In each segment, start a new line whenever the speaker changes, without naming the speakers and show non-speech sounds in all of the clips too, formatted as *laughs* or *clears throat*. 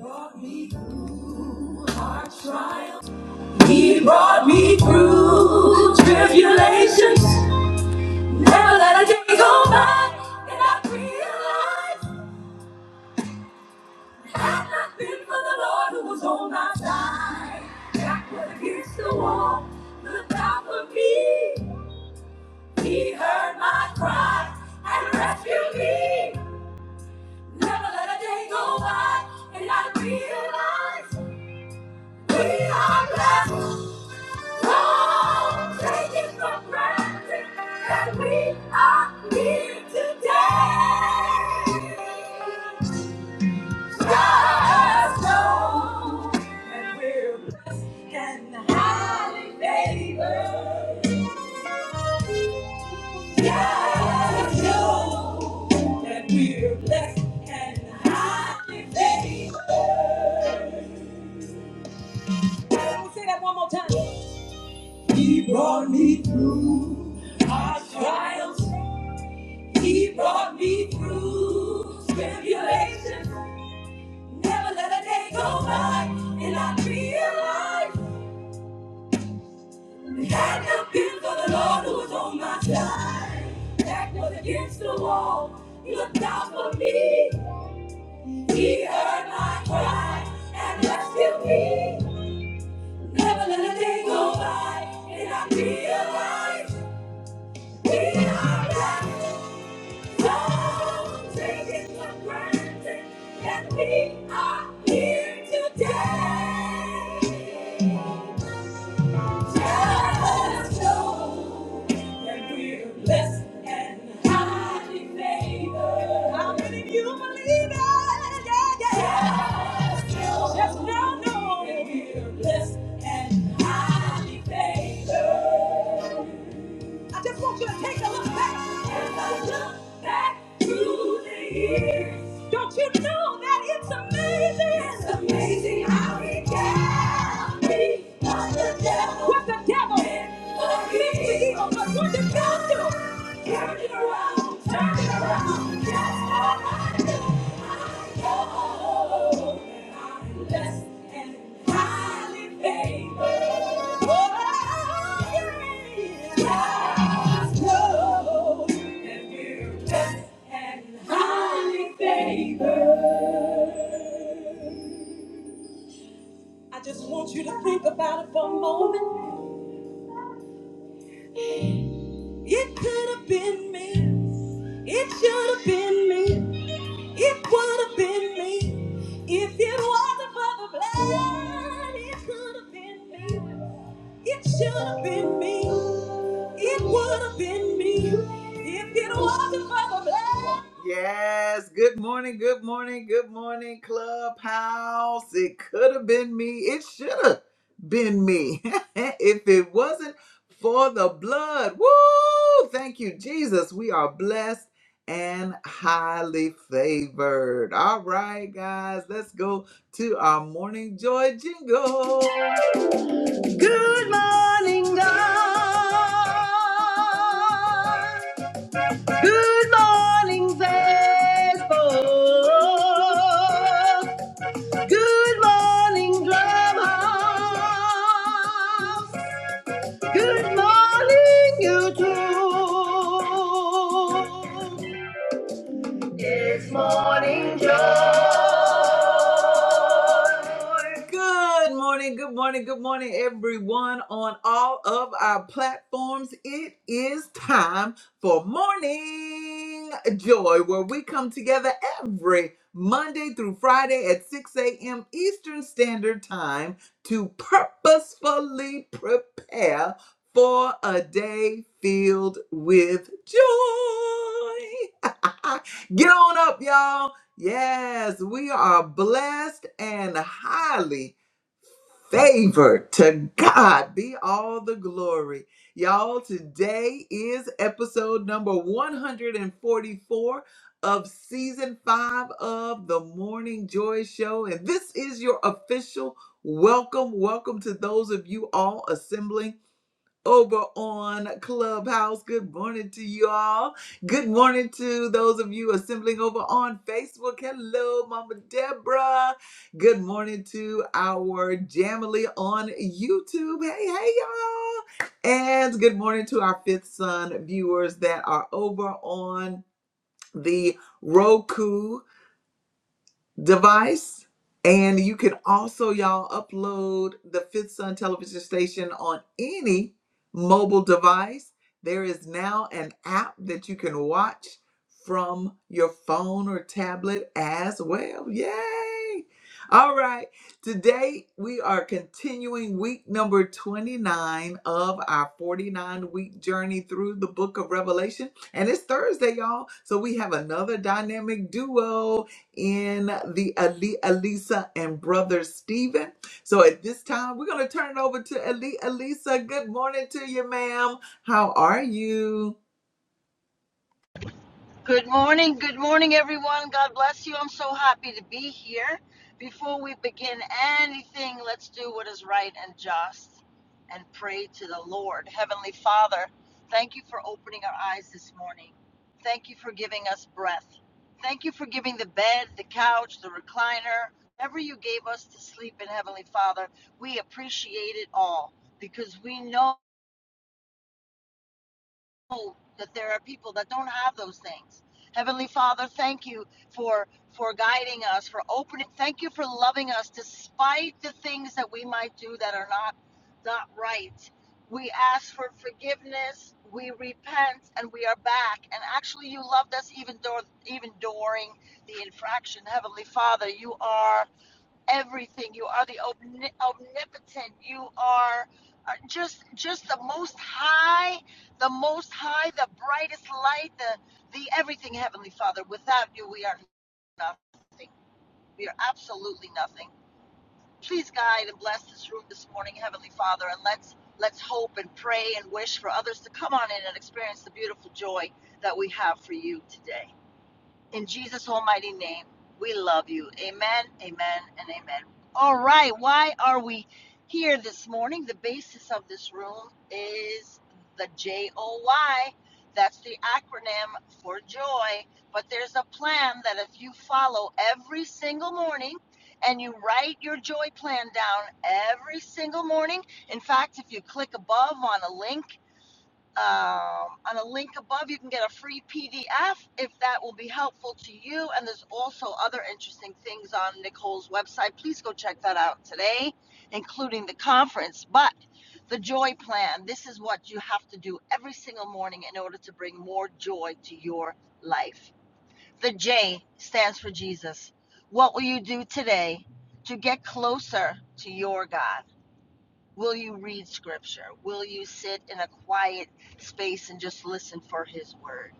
brought me through hard trials. He brought me through tribulations. Never let a day go by. And I realized had not been for the Lord who was on my side. Backward against the wall, looked out for me. He heard my cry and rescued me. Never let a day go by. And I realized we are blessed. Don't take it for granted that we are here today. Just know that we're blessed and highly favored. Just know that we're blessed and highly favored. Say that one more time. He brought me through our trials. He brought me through tribulations. Never let a day go by and I realized it had not been for the Lord who was on my side. Back was against the wall. He looked out for me. He heard my cry and rescued me. Never let a day go by and I realized we are loved. Don't take it for granted that we are here today. Just know that we're blessed and highly favored. How many of you believe it? Yeah, yeah. Just know Just know know that we're blessed and highly favored. I just want you to take a look back. Take a look back through the years. Don't you know that it's amazing? It's amazing how he can be what the devil. What the devil meant for meant for evil, evil. but what did God do? Turn it around, turn it around, just for my I just want you to think about it for a moment. It could have been me. It should have been me. It would have been me if it wasn't for the blood. It could have been me. It should have been me. It would have been me if it wasn't for the blood. Yes. Good morning. Good morning. Good morning, Clubhouse. It could have been me. It should have been me *laughs* if it wasn't for the blood. Woo! Thank you, Jesus. We are blessed and highly favored. All right, guys, let's go to our morning joy jingle. Good morning, God. Good morning, Facebook. Good morning, Clubhouse. Good morning, YouTube. It's morning joy. Good morning, good morning, good morning, everyone on all of our platforms. It is time for morning joy, where we come together every Monday through Friday at 6 a.m. Eastern Standard Time to purposefully prepare for a day filled with joy. *laughs* Get on up, y'all. Yes, we are blessed and highly favored. To God be all the glory. Y'all, today is episode number 144 of season five of the Morning Joy Show. And this is your official welcome. Welcome to those of you all assembling over on Clubhouse. Good morning to you all. Good morning to those of you assembling over on Facebook. Hello, Mama Deborah. Good morning to our Jamily on YouTube. Hey, hey, y'all. And good morning to our Fifth Son viewers that are over on the Roku device. And you can also, y'all, upload the Fifth Sun television station on any mobile device. There is now an app that you can watch from your phone or tablet as well. Yay! All right. Today we are continuing week number 29 of our 49 week journey through the book of Revelation. And it's Thursday, y'all. So we have another dynamic duo in the Ali Alisa and brother Stephen. So at this time, we're going to turn it over to Ali Alisa. Good morning to you, ma'am. How are you?
Good morning. Good morning, everyone. God bless you. I'm so happy to be here. Before we begin anything, let's do what is right and just and pray to the Lord. Heavenly Father, thank you for opening our eyes this morning. Thank you for giving us breath. Thank you for giving the bed, the couch, the recliner, whatever you gave us to sleep in, Heavenly Father. We appreciate it all because we know know that there are people that don't have those things. Heavenly Father, thank you for for guiding us, for opening. Thank you for loving us despite the things that we might do that are not not right. We ask for forgiveness, we repent, and we are back. And actually, you loved us even though even during the infraction. Heavenly Father, you are everything. You are the omnipotent. You are uh, just just the most high, the most high, the brightest light, the the everything, Heavenly Father. Without you, we are nothing. We are absolutely nothing. Please guide and bless this room this morning, Heavenly Father, and let's let's hope and pray and wish for others to come on in and experience the beautiful joy that we have for you today. In Jesus' almighty name, we love you. Amen, amen, and amen. All right, why are we here this morning? The basis of this room is the J O Y. That's the acronym for joy. But there's a plan that if you follow every single morning and you write your joy plan down every single morning, in fact, if you click above on a link, um, on a link above, you can get a free PDF if that will be helpful to you. And there's also other interesting things on Nicole's website. Please go check that out today, including the conference. But the joy plan this is what you have to do every single morning in order to bring more joy to your life. The J stands for Jesus. What will you do today to get closer to your God? Will you read scripture? Will you sit in a quiet space and just listen for his word?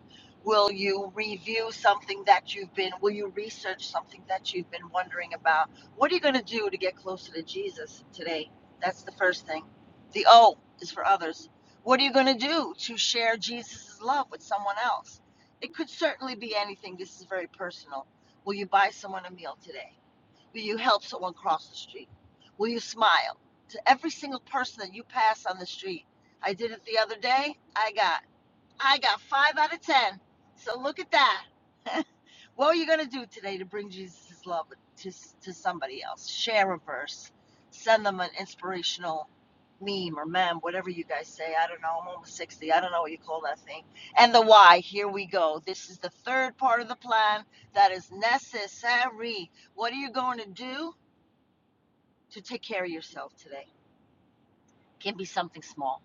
Will you review something that you've been, will you research something that you've been wondering about? What are you going to do to get closer to Jesus today? That's the first thing. The O is for others. What are you going to do to share Jesus' love with someone else? It could certainly be anything. This is very personal. Will you buy someone a meal today? Will you help someone cross the street? Will you smile to every single person that you pass on the street? I did it the other day. I got I got five out of ten. So look at that. *laughs* What are you gonna do today to bring Jesus' love to to somebody else? Share a verse, send them an inspirational meme or mem, whatever you guys say. I don't know. I'm almost sixty. I don't know what you call that thing. And the why. Here we go. This is the third part of the plan that is necessary. What are you going to do? to take care of yourself today. It Can be something small.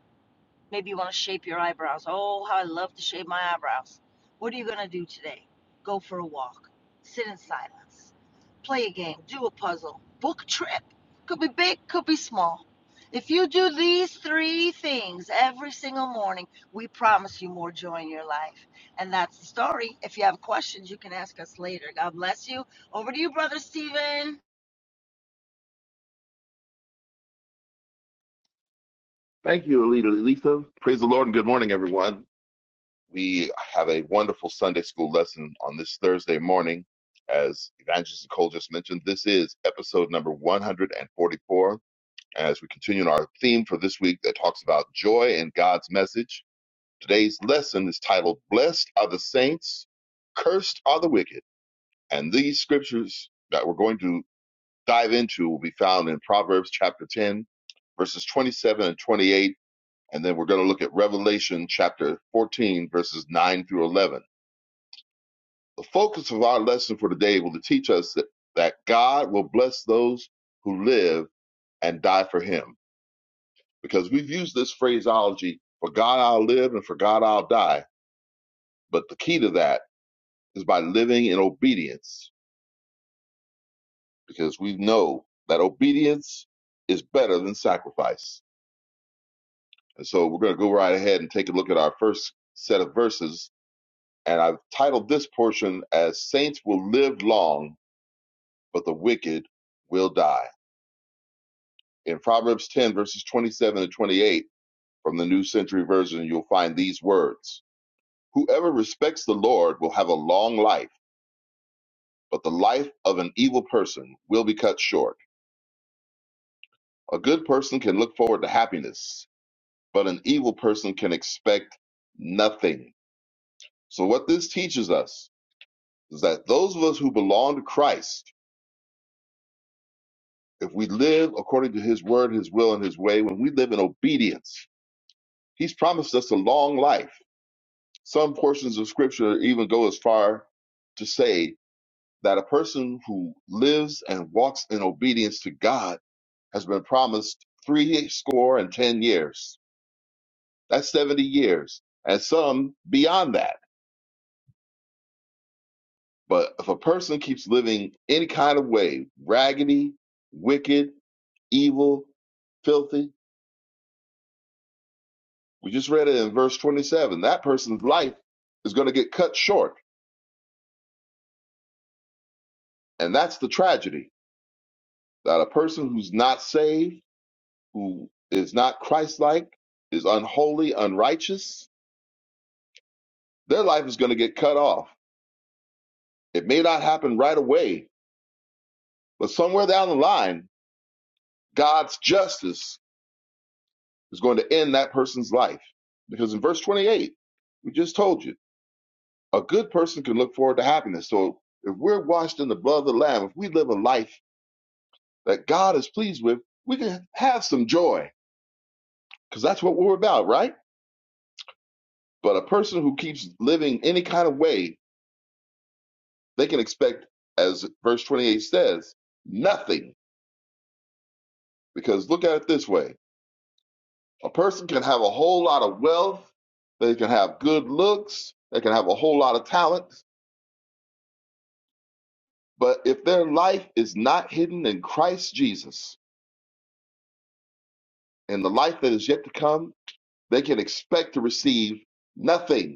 Maybe you want to shape your eyebrows. Oh, how I love to shape my eyebrows. What are you going to do today? Go for a walk, sit in silence, play a game, do a puzzle, book a trip. Could be big, could be small. If you do these three things every single morning, we promise you more joy in your life. And that's the story. If you have questions, you can ask us later. God bless you. Over to you, Brother Stephen.
Thank you, Alita Letha. Praise the Lord and good morning, everyone. We have a wonderful Sunday school lesson on this Thursday morning. As Evangelist Nicole just mentioned, this is episode number 144. As we continue in our theme for this week that talks about joy and God's message, today's lesson is titled Blessed Are the Saints, Cursed Are the Wicked. And these scriptures that we're going to dive into will be found in Proverbs chapter 10, verses 27 and 28 and then we're going to look at Revelation chapter 14, verses 9 through 11. The focus of our lesson for today will teach us that, that God will bless those who live and die for him. Because we've used this phraseology, for God I'll live and for God I'll die. But the key to that is by living in obedience, because we know that obedience is better than sacrifice. And so we're going to go right ahead and take a look at our first set of verses And I've titled this portion as Saints Will Live Long, but the Wicked Will Die. In Proverbs 10, verses 27 and 28 from the New Century Version, you'll find these words Whoever respects the Lord will have a long life, but the life of an evil person will be cut short. A good person can look forward to happiness, but an evil person can expect nothing. So, what this teaches us is that those of us who belong to Christ If we live according to his word, his will, and his way, when we live in obedience, he's promised us a long life. Some portions of scripture even go as far to say that a person who lives and walks in obedience to God has been promised three score and ten years. That's 70 years, and some beyond that. But if a person keeps living any kind of way, raggedy, wicked, evil, filthy, We just read it in verse 27. That person's life is going to get cut short. And that's the tragedy that a person who's not saved, who is not Christ like, is unholy, unrighteous, their life is going to get cut off. It may not happen right away, but somewhere down the line, God's justice is going to end that person's life. Because in verse 28, we just told you, a good person can look forward to happiness. So if we're washed in the blood of the Lamb, if we live a life that God is pleased with, we can have some joy because that's what we're about, right? But a person who keeps living any kind of way, they can expect, as verse 28 says, nothing. Because look at it this way a person can have a whole lot of wealth, they can have good looks, they can have a whole lot of talent, but if their life is not hidden in Christ Jesus and the life that is yet to come, they can expect to receive nothing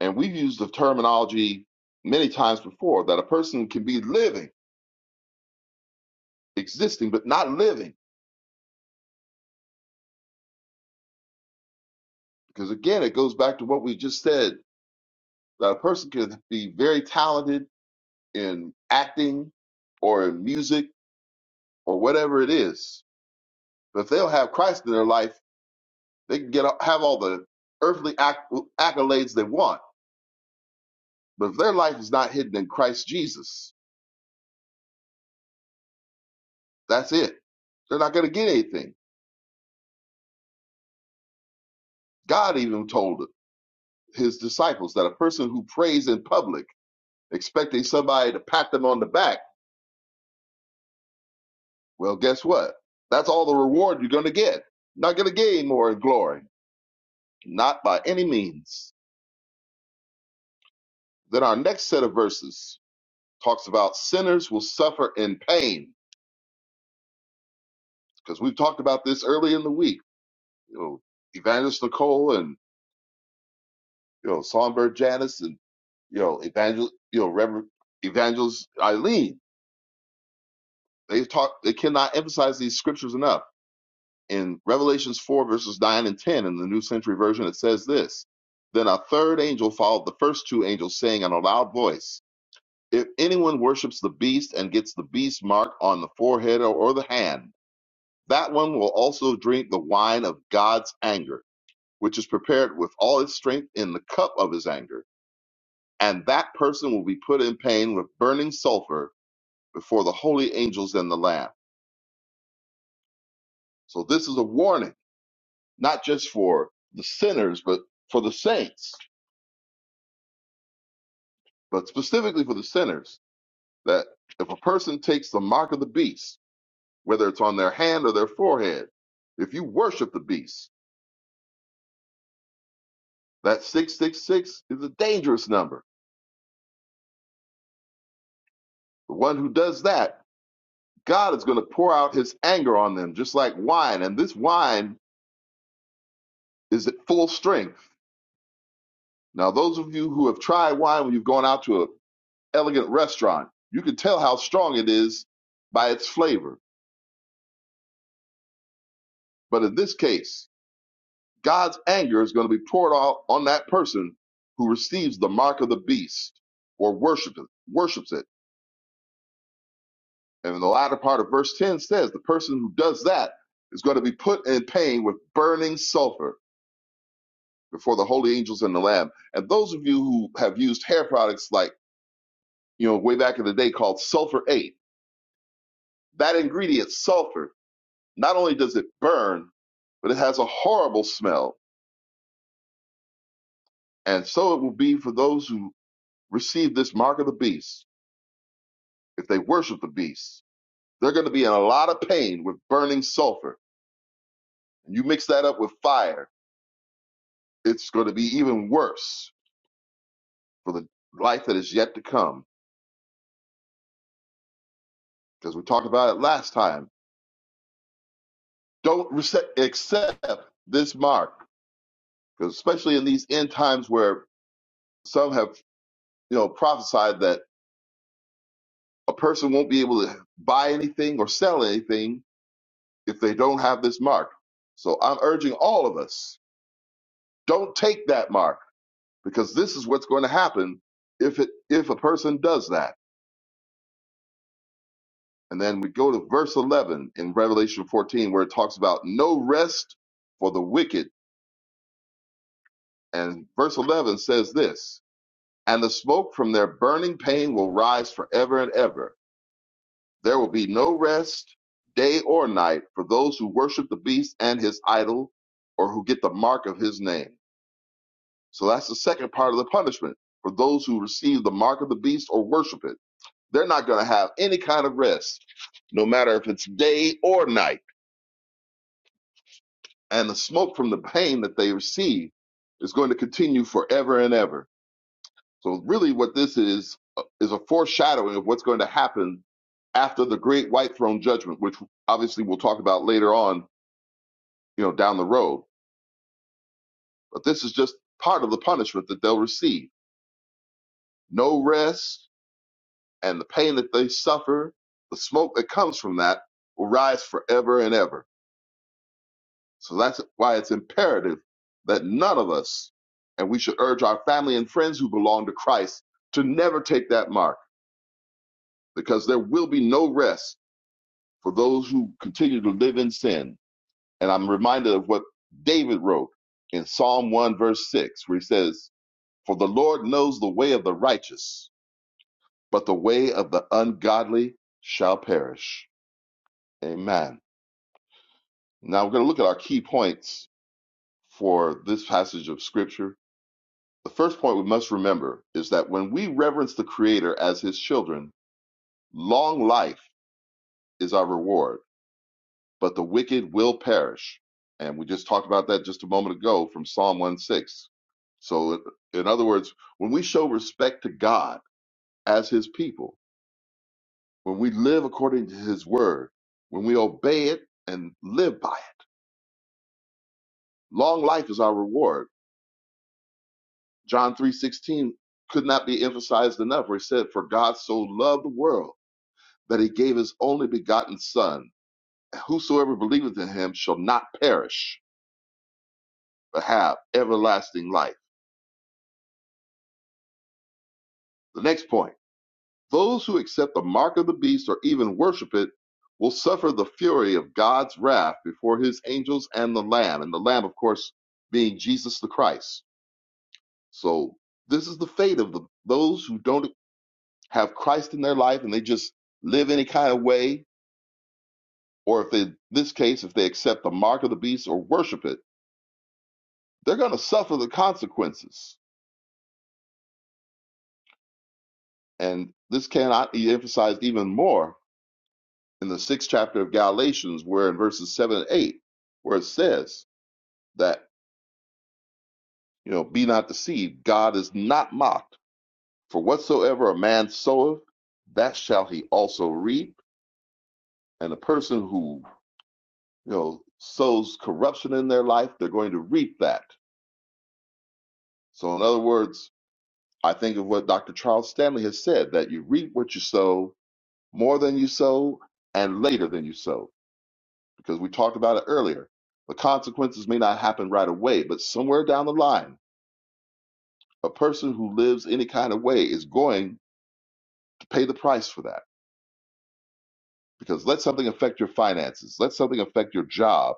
And we've used the terminology many times before that a person can be living, existing, but not living. Because again, it goes back to what we just said that a person can be very talented in acting or in music or whatever it is. But if they'll have Christ in their life, they can get have all the earthly acc- accolades they want. But if their life is not hidden in Christ Jesus, that's it. They're not going to get anything. God even told his disciples that a person who prays in public expecting somebody to pat them on the back. Well, guess what? That's all the reward you're going to get. Not going to gain more in glory, not by any means. Then our next set of verses talks about sinners will suffer in pain because we've talked about this early in the week. You know, Evangelist Nicole and you know Songbird Janice and you know Evangel you know Reverend Evangelist Eileen. They talk. They cannot emphasize these scriptures enough in Revelations 4, verses 9 and 10, in the New Century Version, it says this Then a third angel followed the first two angels, saying in a loud voice, If anyone worships the beast and gets the beast mark on the forehead or, or the hand, that one will also drink the wine of God's anger, which is prepared with all its strength in the cup of his anger. And that person will be put in pain with burning sulfur before the holy angels and the Lamb. So this is a warning, not just for the sinners, but for the saints but specifically for the sinners, that if a person takes the mark of the beast, whether it's on their hand or their forehead, if you worship the beast, that 666 is a dangerous number. The one who does that, God is going to pour out his anger on them, just like wine. And this wine is at full strength. Now, those of you who have tried wine when you've gone out to an elegant restaurant, you can tell how strong it is by its flavor. But in this case, God's anger is going to be poured out on that person who receives the mark of the beast or worships it, worships it. And in the latter part of verse 10 says the person who does that is going to be put in pain with burning sulfur before the holy angels and the lamb. And those of you who have used hair products like, you know, way back in the day called sulfur 8, that ingredient sulfur, not only does it burn, but it has a horrible smell. And so it will be for those who receive this mark of the beast if they worship the beast, they're going to be in a lot of pain with burning sulfur. And you mix that up with fire, it's going to be even worse for the life that is yet to come. Because we talked about it last time. Don't rece- accept this mark, because especially in these end times where some have, you know, prophesied that a person won't be able to buy anything or sell anything if they don't have this mark. So I'm urging all of us, don't take that mark because this is what's going to happen if it if a person does that and then we go to verse 11 in revelation 14 where it talks about no rest for the wicked and verse 11 says this and the smoke from their burning pain will rise forever and ever there will be no rest day or night for those who worship the beast and his idol or who get the mark of his name so that's the second part of the punishment for those who receive the mark of the beast or worship it They're not going to have any kind of rest, no matter if it's day or night. And the smoke from the pain that they receive is going to continue forever and ever. So, really, what this is uh, is a foreshadowing of what's going to happen after the great white throne judgment, which obviously we'll talk about later on, you know, down the road. But this is just part of the punishment that they'll receive. No rest and the pain that they suffer, the smoke that comes from that will rise forever and ever. So that's why it's imperative that none of us, and we should urge our family and friends who belong to Christ to never take that mark because there will be no rest for those who continue to live in sin. And I'm reminded of what David wrote in Psalm 1, verse 6, where he says, For the Lord knows the way of the righteous, but the way of the ungodly shall perish. Amen. Now we're going to look at our key points for this passage of Scripture The first point we must remember is that when we reverence the Creator as His children, long life is our reward, but the wicked will perish. And we just talked about that just a moment ago from Psalm 1 6. So, in other words, when we show respect to God as His people, when we live according to His word, when we obey it and live by it, long life is our reward. John three sixteen could not be emphasized enough, where He said, For God so loved the world that he gave his only begotten Son. Whosoever believeth in him shall not perish, but have everlasting life. The next point those who accept the mark of the beast or even worship it will suffer the fury of God's wrath before his angels and the Lamb. And the Lamb, of course, being Jesus the Christ. So this is the fate of the, those who don't have Christ in their life and they just live any kind of way, or if they, in this case, if they accept the mark of the beast or worship it they're going to suffer the consequences. And this cannot be emphasized even more in the sixth chapter of Galatians, where in verses seven and eight, where it says that, you know, be not deceived, God is not mocked. For whatsoever a man soweth, that shall he also reap. And the person who, you know, sows corruption in their life, they're going to reap that. So, in other words, I think of what Dr. Charles Stanley has said that you reap what you sow, more than you sow and later than you sow. Because we talked about it earlier. The consequences may not happen right away, but somewhere down the line, a person who lives any kind of way is going to pay the price for that. Because let something affect your finances, let something affect your job,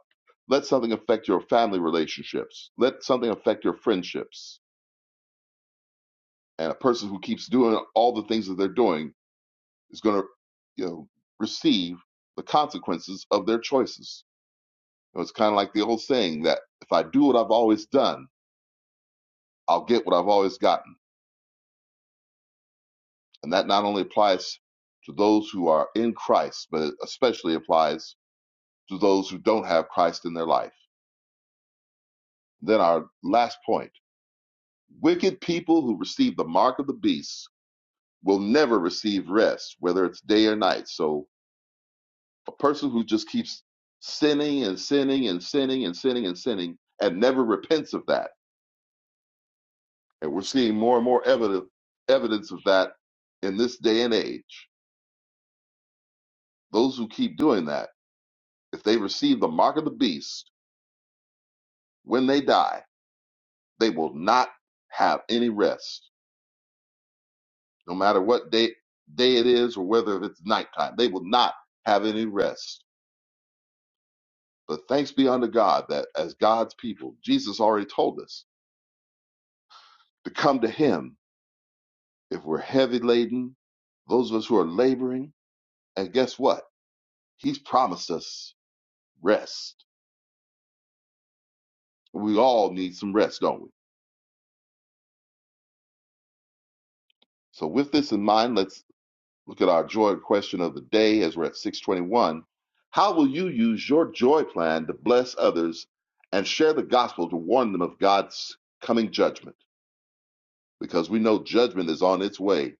let something affect your family relationships, let something affect your friendships. And a person who keeps doing all the things that they're doing is going to, you know, receive the consequences of their choices. It was kind of like the old saying that if I do what I've always done, I'll get what I've always gotten. And that not only applies to those who are in Christ, but it especially applies to those who don't have Christ in their life. Then our last point wicked people who receive the mark of the beast will never receive rest, whether it's day or night. So a person who just keeps sinning and sinning and sinning and sinning and sinning and never repents of that And we're seeing more and more evidence evidence of that in this day and age. Those who keep doing that, if they receive the mark of the beast when they die, they will not have any rest. No matter what day day it is or whether it's nighttime, they will not have any rest. But thanks be unto God that as God's people, Jesus already told us to come to him if we're heavy laden, those of us who are laboring, and guess what? He's promised us rest We all need some rest, don't we? So, with this in mind, let's look at our joy question of the day as we're at 621. How will you use your joy plan to bless others and share the gospel to warn them of God's coming judgment? Because we know judgment is on its way.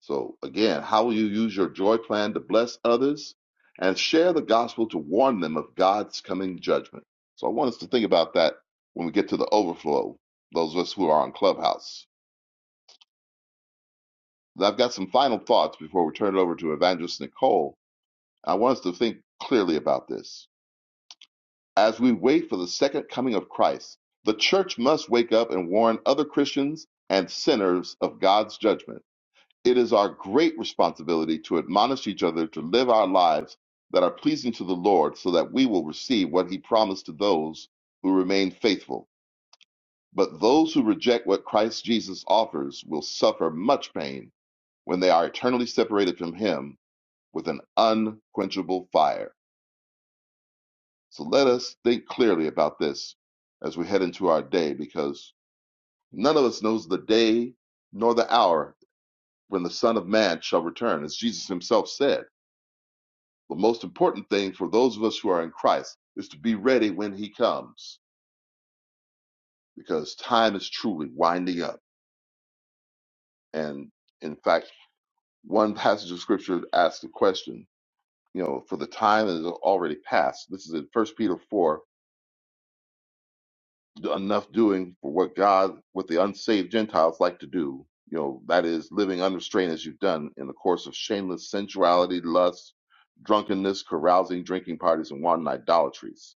So, again, how will you use your joy plan to bless others and share the gospel to warn them of God's coming judgment? So, I want us to think about that when we get to the overflow, those of us who are on Clubhouse. I've got some final thoughts before we turn it over to Evangelist Nicole. I want us to think clearly about this. As we wait for the second coming of Christ, the church must wake up and warn other Christians and sinners of God's judgment. It is our great responsibility to admonish each other to live our lives that are pleasing to the Lord so that we will receive what he promised to those who remain faithful. But those who reject what Christ Jesus offers will suffer much pain when they are eternally separated from him with an unquenchable fire. So let us think clearly about this as we head into our day, because none of us knows the day nor the hour when the Son of Man shall return, as Jesus himself said. The most important thing for those of us who are in Christ is to be ready when he comes, because time is truly winding up. And in fact, one passage of scripture asks the question, you know, for the time is already past. This is in First Peter 4, enough doing for what God, what the unsaved Gentiles like to do. You know, that is living unrestrained as you've done in the course of shameless sensuality, lust, drunkenness, carousing, drinking parties, and wanton idolatries.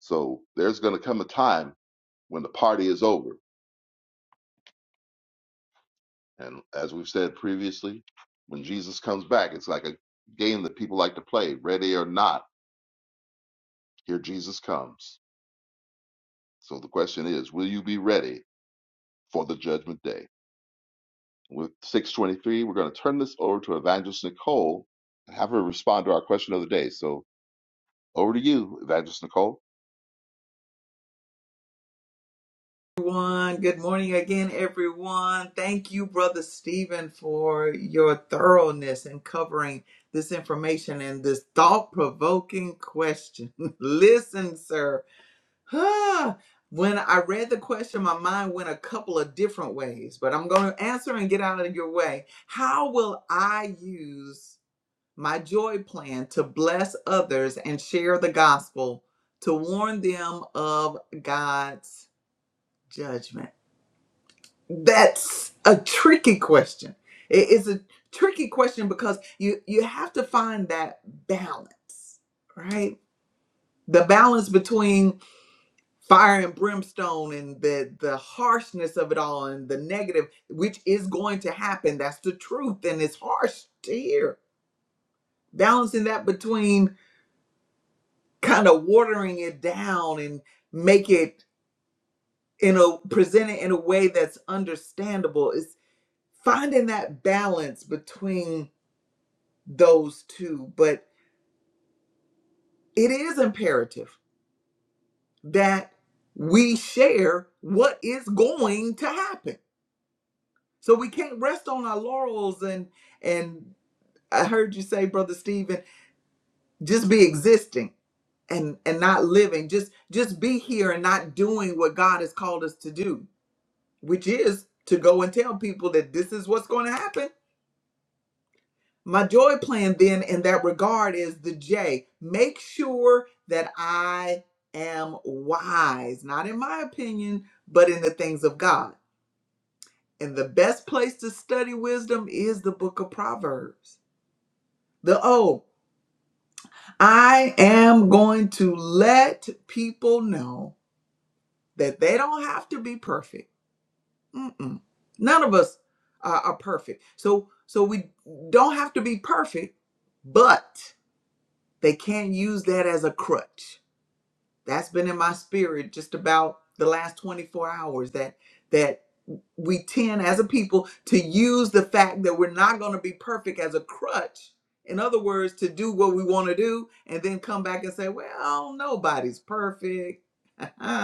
So there's going to come a time when the party is over. And as we've said previously, when Jesus comes back, it's like a game that people like to play, ready or not, here Jesus comes. So the question is, will you be ready for the judgment day? With 623, we're going to turn this over to Evangelist Nicole and have her respond to our question of the day. So over to you, Evangelist Nicole.
Everyone, good morning again, everyone. Thank you, Brother Stephen, for your thoroughness in covering this information and this thought provoking question. *laughs* Listen, sir. Huh. When I read the question, my mind went a couple of different ways, but I'm going to answer and get out of your way. How will I use my joy plan to bless others and share the gospel to warn them of God's judgment? That's a tricky question. It is a tricky question because you you have to find that balance, right? The balance between fire and brimstone and the the harshness of it all and the negative which is going to happen that's the truth and it's harsh to hear balancing that between kind of watering it down and make it you know present it in a way that's understandable is finding that balance between those two but it is imperative that we share what is going to happen So we can't rest on our laurels and and I heard you say, Brother Stephen, just be existing and and not living. Just just be here and not doing what God has called us to do, which is to go and tell people that this is what's going to happen. My joy plan then in that regard is the J. Make sure that I am wise, not in my opinion, but in the things of God. And the best place to study wisdom is the book of Proverbs. The O. I am going to let people know that they don't have to be perfect. Mm-mm. None of us are, are perfect. So so we don't have to be perfect, but they can't use that as a crutch that's been in my spirit just about the last 24 hours that that we tend as a people to use the fact that we're not going to be perfect as a crutch in other words to do what we want to do and then come back and say well nobody's perfect *laughs* and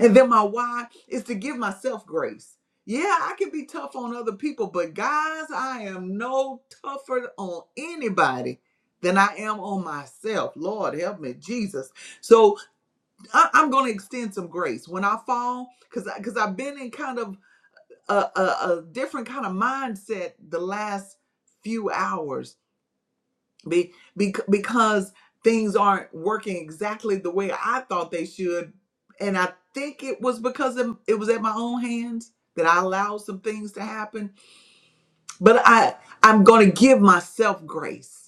then my why is to give myself grace yeah i can be tough on other people but guys i am no tougher on anybody than i am on myself lord help me jesus so I, I'm going to extend some grace when I fall, because because I've been in kind of a, a, a different kind of mindset the last few hours, be, be because things aren't working exactly the way I thought they should, and I think it was because of- it was at my own hands that I allowed some things to happen. But I I'm going to give myself grace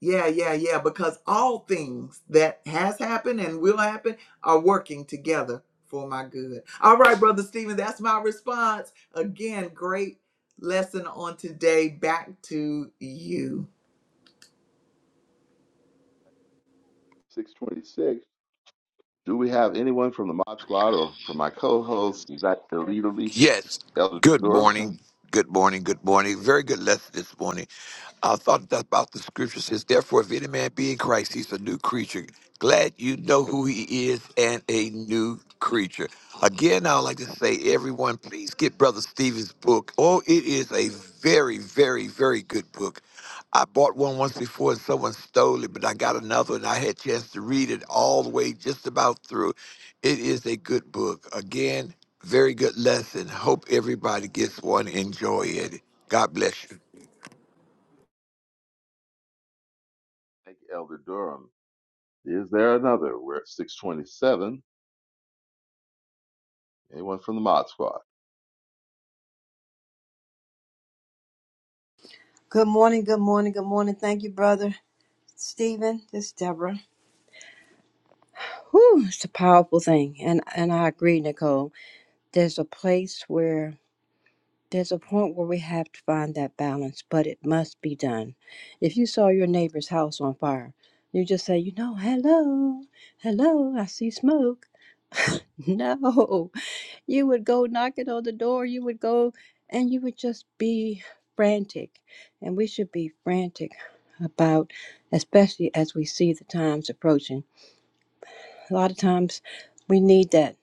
yeah, yeah, yeah, because all things that has happened and will happen are working together for my good. All right, brother Stephen, that's my response. Again, great lesson on today. Back to you.
626, do we have anyone from the Mod Squad or from my co-host, Exactly, Leader Lisa?
Yes.
Elder
Good
Durham,
morning. Good morning. Good morning. Very good lesson this morning. I thought that about the scripture says, Therefore, if any man be in Christ, he's a new creature. Glad you know who he is and a new creature. Again, I would like to say, everyone, please get Brother Stephen's book. Oh, it is a very, very, very good book. I bought one once before and someone stole it, but I got another and I had a chance to read it all the way just about through. It is a good book. Again, very good lesson. Hope everybody gets one. Enjoy it. God bless you.
thank you, Elder Durham. Is there another? We're at 627. Anyone from the Mod Squad?
Good morning, good morning, good morning. Thank you, brother Stephen. This is Deborah. Whew, it's a powerful thing, and and I agree, Nicole. There's a place where there's a point where we have to find that balance, but it must be done. If you saw your neighbor's house on fire, you just say, you know, hello, hello, I see smoke. *laughs* no, You would go knocking on the door, you would go and you would just be frantic. And we should be frantic about, especially as we see the times approaching. A lot of times we need that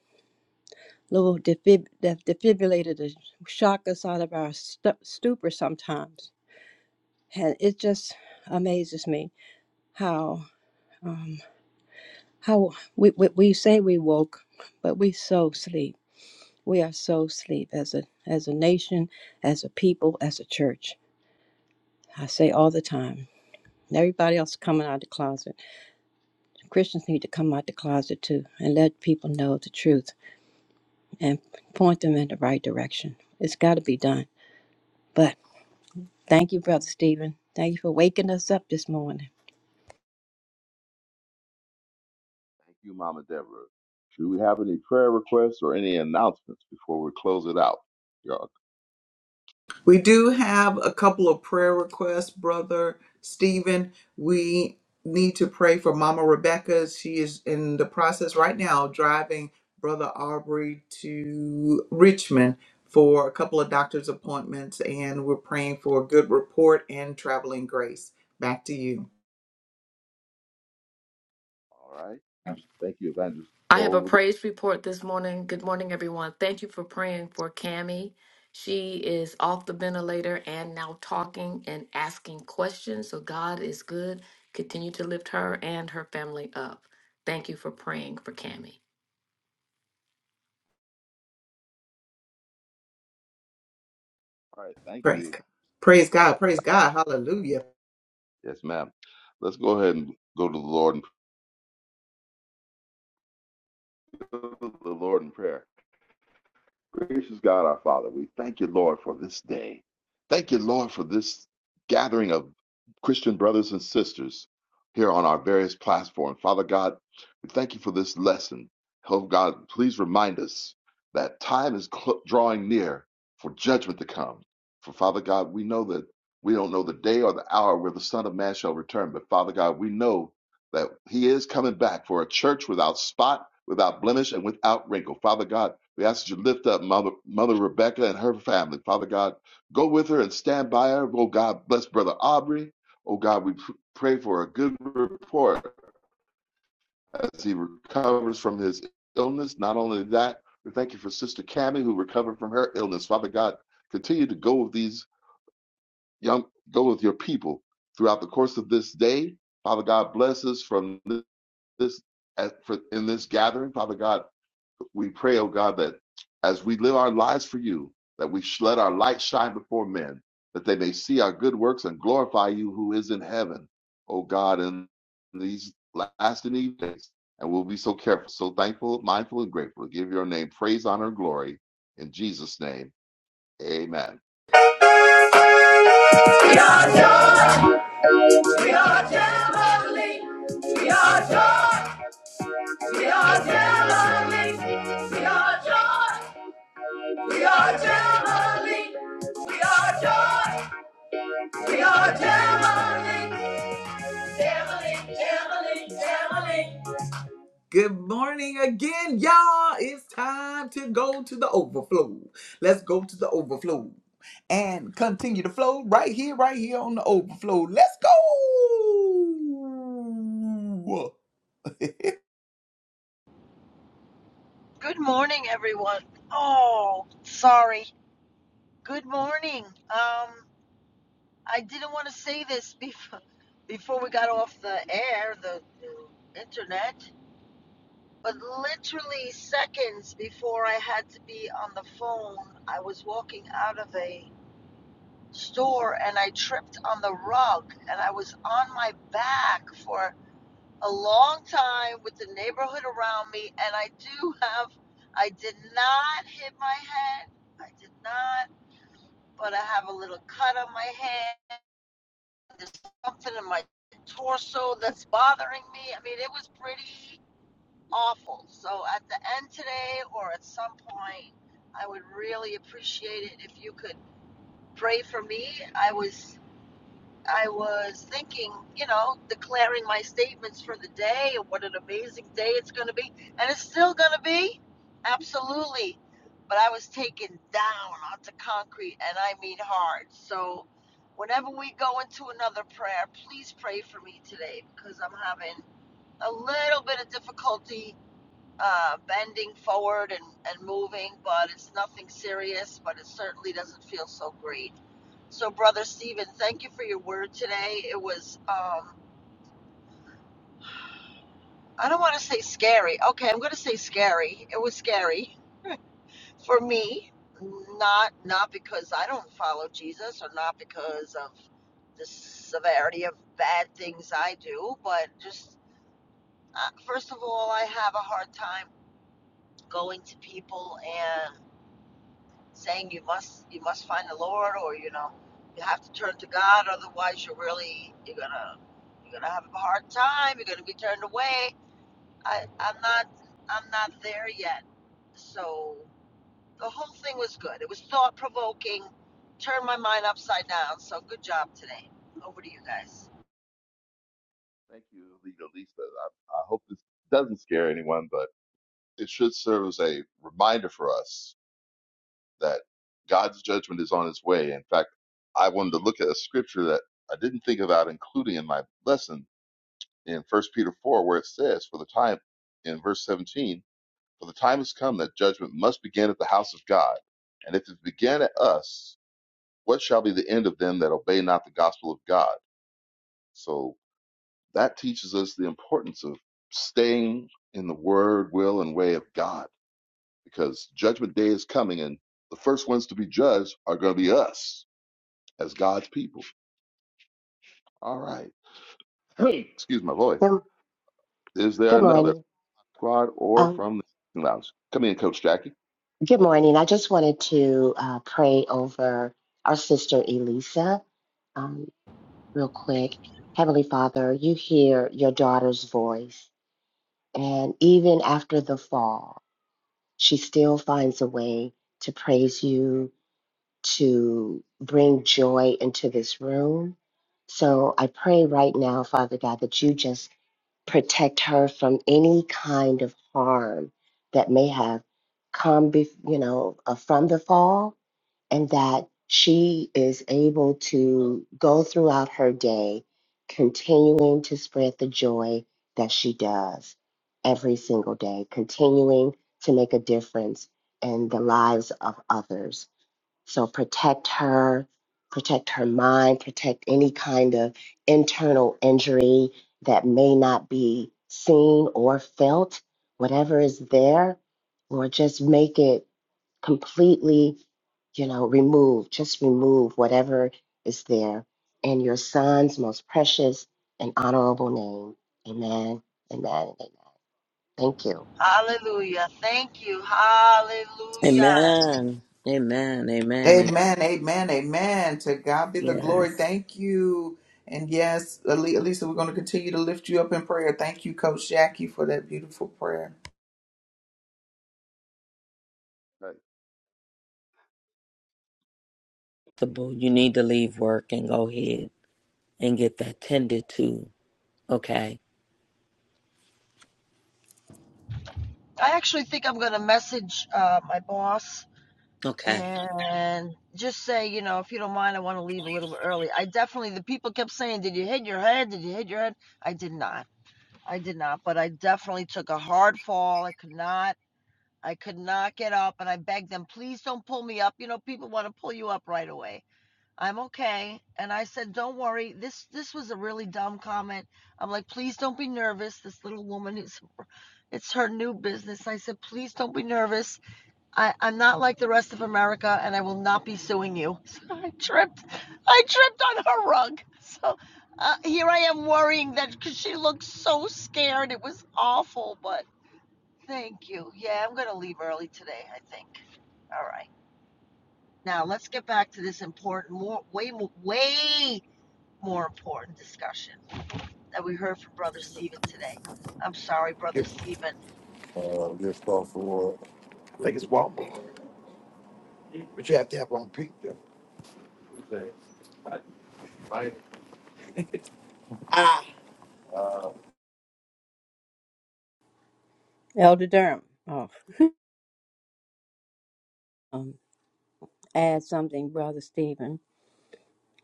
little defib- that defibrillator to shock us out of our stu- stupor sometimes. And it just amazes me how um, how we, we, we say we woke, but we so sleep. We are so asleep as a as a nation, as a people, as a church. I say all the time. Everybody else coming out of the closet. Christians need to come out the closet too and let people know the truth and point them in the right direction. It's got to be done. But thank you, Brother Stephen. Thank you for waking us up this morning.
Thank you, Mama Deborah. Do we have any prayer requests or any announcements before we close it out? Y'all-
We do have a couple of prayer requests, Brother Stephen. We need to pray for Mama Rebecca. She is in the process right now of driving Brother Aubrey to Richmond for a couple of doctor's appointments, and we're praying for a good report and traveling grace. Back to you.
All right. Thank you, Evangelist
I have a
Nicole.
praise report this morning. Good morning, everyone. Thank you for praying for Cammie. She is off the ventilator and now talking and asking questions. So God is good. Continue to lift her and her family up. Thank you for praying for Cammie.
All right. Thank
Praise
you.
God. Praise God. Praise God. Hallelujah.
Yes, ma'am. Let's go ahead and go to the Lord, in- *laughs* the Lord in prayer. Gracious God, our Father, we thank you, Lord, for this day. Thank you, Lord, for this gathering of Christian brothers and sisters here on our various platforms. Father God, we thank you for this lesson. Oh God, please remind us that time is cl- drawing near for judgment to come. For Father God, we know that we don't know the day or the hour where the Son of Man shall return, but Father God, we know that He is coming back for a church without spot, without blemish, and without wrinkle. Father God, we ask that you lift up Mother, Mother Rebecca and her family. Father God, go with her and stand by her. Oh God, bless Brother Aubrey. Oh God, we pr- pray for a good report as he recovers from his illness. Not only that, we thank you for Sister Cammie who recovered from her illness. Father God, continue to go with these young, go with your people throughout the course of this day. Father God, bless us from this, this at, for, in this gathering. Father God, We pray, oh God, that as we live our lives for you, that we sh- let our light shine before men, that they may see our good works and glorify you who is in heaven, oh God, in these last and evil days. And we'll be so careful, so thankful, mindful, and grateful to give your name praise, honor, and glory. In Jesus' name, amen.
We are joy. We are jubilee. We are joy. We are Galilee. We are joy. We are Galilee. We are joy. We are Galilee. Galilee, Galilee, Galilee. Good morning again, y'all. It's time to go to the overflow. Let's go to the overflow and continue to flow right here, right here on the overflow. Let's go. *laughs*
Good morning, everyone. Oh, sorry. Good morning. Um, I didn't want to say this *laughs* before before we got off the air, the, the internet, but literally seconds before I had to be on the phone, I was walking out of a store and I tripped on the rug and I was on my back for a long time with the neighborhood around me, and I do have, I did not hit my head. I did not, but I have a little cut on my head. There's something in my torso that's bothering me. I mean, it was pretty awful. So at the end today or at some point, I would really appreciate it if you could pray for me. I was I was thinking, you know, declaring my statements for the day and what an amazing day it's going to be. And it's still going to be. Absolutely. But I was taken down onto concrete and I mean hard. So whenever we go into another prayer, please pray for me today because I'm having a little bit of difficulty uh, bending forward and, and moving, but it's nothing serious, but it certainly doesn't feel so great. So, Brother Stephen, thank you for your word today. It was, um, I don't want to say scary. Okay, I'm going to say scary. It was scary for me, not not because I don't follow Jesus or not because of the severity of bad things I do, but just uh, first of all, I have a hard time going to people and. saying you must you must find the Lord or you know you have to turn to God otherwise you're really you're gonna you're gonna have a hard time you're gonna be turned away I I'm not I'm not there yet so the whole thing was good it was thought provoking turned my mind upside down so good job today over to you guys
Thank you, Lita Lisa. I, I hope this doesn't scare anyone, but it should serve as a reminder for us that God's judgment is on its way. In fact, I wanted to look at a scripture that I didn't think about including in my lesson in 1 Peter 4, where it says, For the time, in verse 17, for the time has come that judgment must begin at the house of God. And if it began at us, what shall be the end of them that obey not the gospel of God? So that teaches us the importance of staying in the word, will, and way of God because judgment day is coming and the first ones to be judged are going to be us as God's people. All right. *clears throat* Excuse my voice.
Good,
Is there
good
another
morning.
squad or
Um,
from the lounge? Come in, Coach Jackie.
good morning. I just wanted to uh, pray over our sister Elisa um, real
thank
quick.
you
Heavenly Father, you hear your daughter's voice, and even after the fall, she still finds a way to praise you, to bring joy into this room. So I pray right now, Father God, that you just protect her from any kind of harm that may have come, be, you know, uh, from the fall, and that she is able to go throughout her day, continuing to spread the joy that she does every single day, continuing to make a difference in the lives of others so protect her, protect her mind, protect any kind of internal injury that may not be seen or felt, whatever is there, or just make it completely, you know, remove, just remove whatever is there in your son's most precious and honorable name. Amen. Amen. Amen. Thank you.
hallelujah thank you hallelujah
Amen. Amen. Amen. Amen.
Amen, amen, amen. To God be the glory.
Yes.
Thank you. And yes, Ale- Elisa, we're going to continue to lift you up in prayer. Thank you, Coach Jackie, for that beautiful prayer.
Right.
Possible. You need to leave work and go ahead and get that tended to. Okay.
I actually think I'm gonna message uh, my boss
Okay.
and just say, you know, if you don't mind, I want to leave a little bit early. I definitely, the people kept saying, Did you hit your head? Did you hit your head? I did not. I did not, but I definitely took a hard fall. I could not, I could not get up. And I begged them, Please don't pull me up. You know, people want to pull you up right away. I'm okay. And I said, Don't worry. This, this was a really dumb comment. I'm like, Please don't be nervous. This little woman is, it's her new business. I said, Please don't be nervous I, I'm not like the rest of America, and I will not be suing you. *laughs* So I tripped. I tripped on her rug. So uh, here I am worrying that because she looked so scared. It was awful, but thank you. Yeah, I'm going to leave early today, I think. All right. Now let's get back to this important, more, way, way more important discussion that we heard from Brother Stephen today. I'm sorry,
Give,
Brother Stephen.
uh, this thought for, I think it's Walmart, but you have to have one pizza.
Elder Durham, oh, um, add something, Brother Stephen.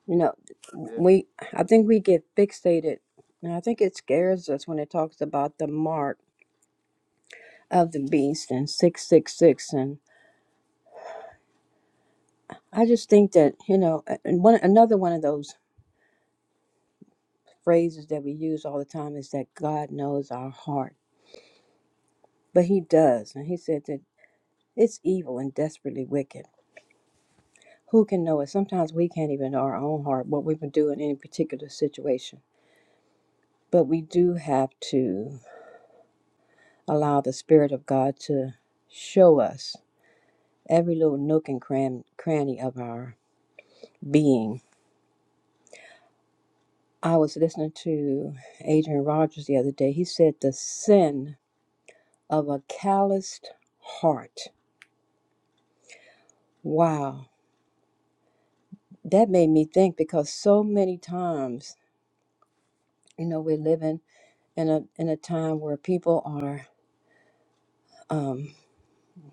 You know,
Yeah,
we I think we get fixated, and I think it scares us when it talks about the mark of the beast and 666 and i just think that you know and one another one of those phrases that we use all the time is that god knows our heart but he does and he said that it's evil and desperately wicked who can know it sometimes we can't even know our own heart what we would do in any particular situation but we do have to allow the spirit of god to show us every little nook and cran- cranny of our being I was listening to Adrian Rogers the other day. He said the sin of a calloused heart. Wow, that made me think because so many times, you know, we're living in a in a time where people are, um,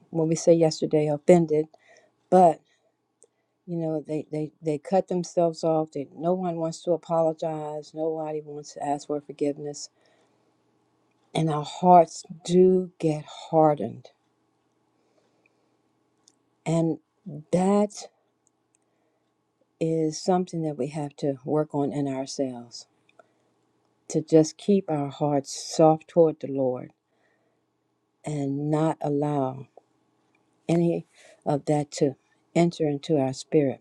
when we say yesterday, offended, but you know, they they they cut themselves off. They, no one wants to apologize. Nobody wants to ask for forgiveness, and our hearts do get hardened, and that is something that we have to work on in ourselves to just keep our hearts soft toward the Lord and not allow any of that to enter into our spirit.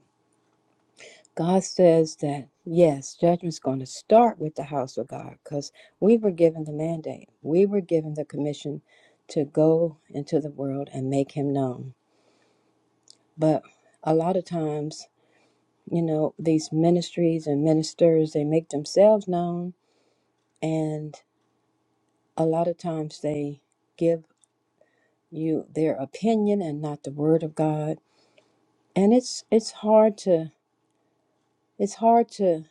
God says that, yes, judgment's going to start with the house of God because we were given the mandate, we were given the commission to go into the world and make Him known. But a lot of times, you know, these ministries and ministers, they make themselves known. And a lot of times they give you their opinion and not the word of God. And it's it's hard to it's hard to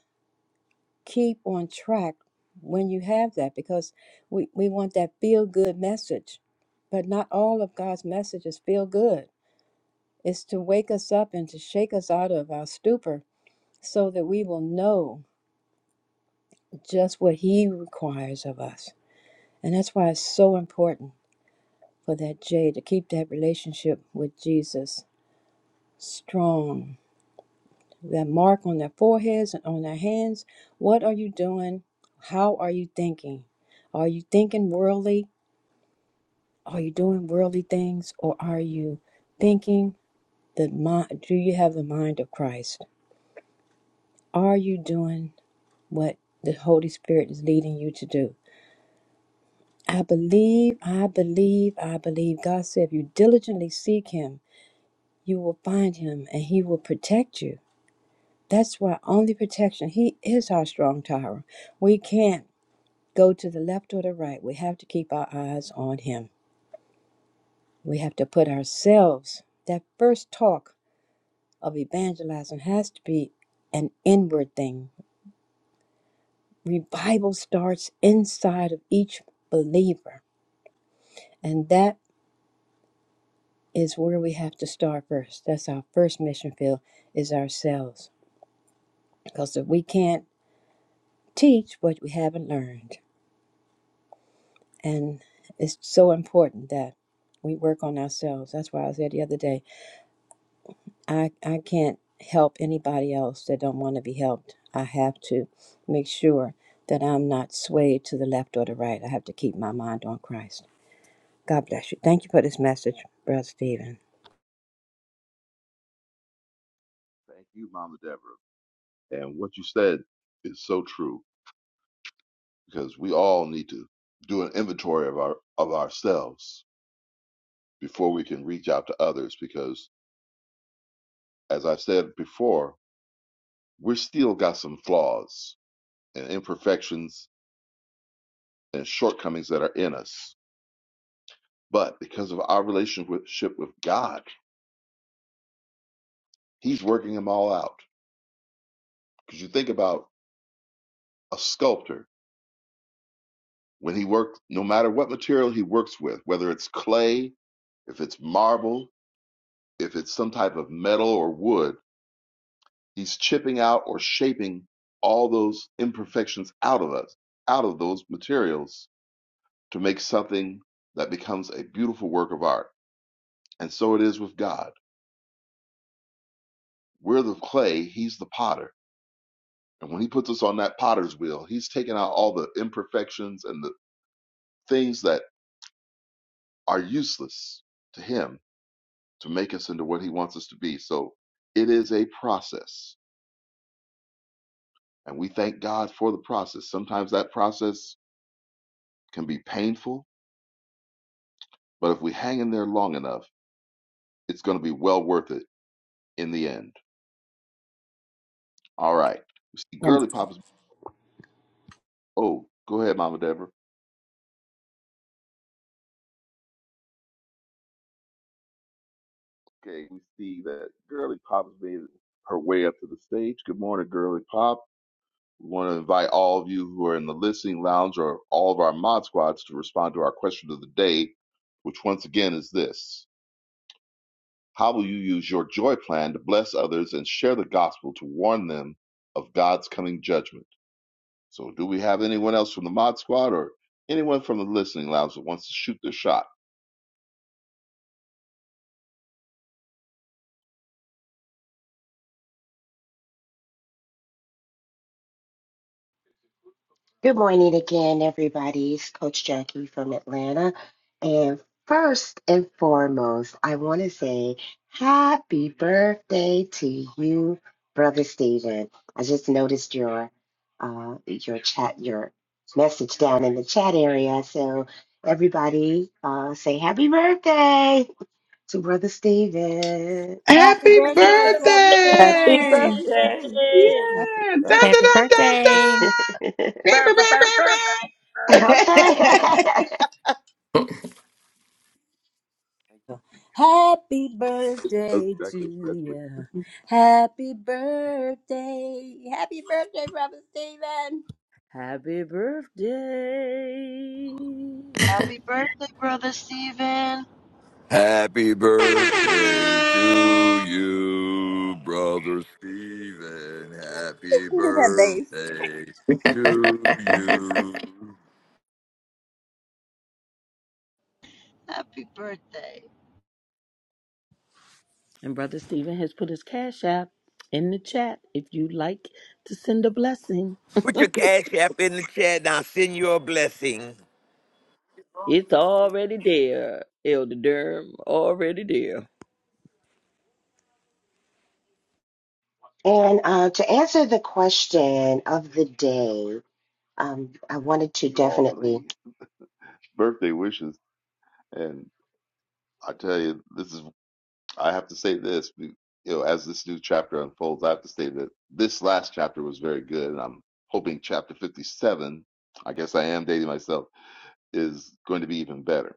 keep on track when you have that because we, we want that feel good message. But not all of God's messages feel good. It's to wake us up and to shake us out of our stupor so that we will know just what He requires of us. And that's why it's so important for that Jay to keep that relationship with Jesus strong. That mark on their foreheads and on their hands. What are you doing? How are you thinking? Are you thinking worldly? Are you doing worldly things? Or are you thinking the mind? Do you have the mind of Christ? Are you doing what the Holy Spirit is leading you to do? I believe, I believe, I believe. God said, if you diligently seek Him, you will find Him and He will protect you. That's why only protection. He is our strong tower. We can't go to the left or the right. We have to keep our eyes on him. We have to put ourselves. That first talk of evangelizing has to be an inward thing. Revival starts inside of each believer. And that is where we have to start first. That's our first mission field is ourselves. Because if we can't teach what we haven't learned, And it's so important that we work on ourselves. That's why I said the other day, I, I can't help anybody else that don't want to be helped. I have to make sure that I'm not swayed to the left or the right. I have to keep my mind on Christ. God bless you. Thank you for this message, Brother Stephen.
thank you, Mama Deborah. And what you said is so true because we all need to do an inventory of our of ourselves before we can reach out to others. Because as I said before, we're still got some flaws and imperfections and shortcomings that are in us. But because of our relationship with God, He's working them all out Because you think about a sculptor, when he works, no matter what material he works with, whether it's clay, if it's marble, if it's some type of metal or wood, he's chipping out or shaping all those imperfections out of us, out of those materials to make something that becomes a beautiful work of art. And so it is with God. We're the clay, he's the potter. And when he puts us on that potter's wheel, he's taking out all the imperfections and the things that are useless to him to make us into what he wants us to be. So it is a process. And we thank God for the process. Sometimes that process can be painful, but if we hang in there long enough, it's going to be well worth it in the end. All right. We see
And
Girly Pop is. Oh, go ahead, Mama Deborah. Okay, we see that Girly Pop has made her way up to the stage. Good morning, Girly Pop. We want to invite all of you who are in the listening lounge or all of our mod squads to respond to our question of the day, which once again is this How will you use your joy plan to bless others and share the gospel to warn them of God's coming judgment? So, do we have anyone else from the Mod Squad or anyone from the listening lounge that wants to shoot their shot?
Good morning again, everybody. It's Coach Jackie from Atlanta. And first and foremost, I want to say happy birthday to you, Brother Stephen. I just noticed your uh, your chat, your message down in the chat area. So everybody, uh, say happy birthday to Brother Stephen.
Happy
Happy
birthday, Brother
Happy
birthday!
Stephen.
birthday.
Yeah! Dun, dun,
Happy
dun, dun,
birthday.
dun.
*laughs*
Bing,
Birth-
bing, bing, bing,
okay.
bing.
*laughs*
happy
*laughs* Okay,
birthday
I
to
especially
you. Happy birthday. Happy birthday, Brother Stephen.
Happy birthday.
*laughs*
Happy birthday, Brother Stephen.
Happy birthday to you, brother Stephen. Happy
Do that, babe.
birthday to you.
Happy birthday.
And Brother Stephen has put his cash app in the chat if you'd like to send a blessing.
Put your cash app in the chat and I'll send you a blessing.
It's already there, Elder Durham. Already there.
and uh, to answer the question of the day. Um, I wanted
thank
to
you all for
definitely,
the birthday wishes, and I tell you, this is I have to say this. You know, as this new chapter unfolds, I have to say that this last chapter was very good, and I'm hoping chapter 57. I guess I am dating myself is going to be even better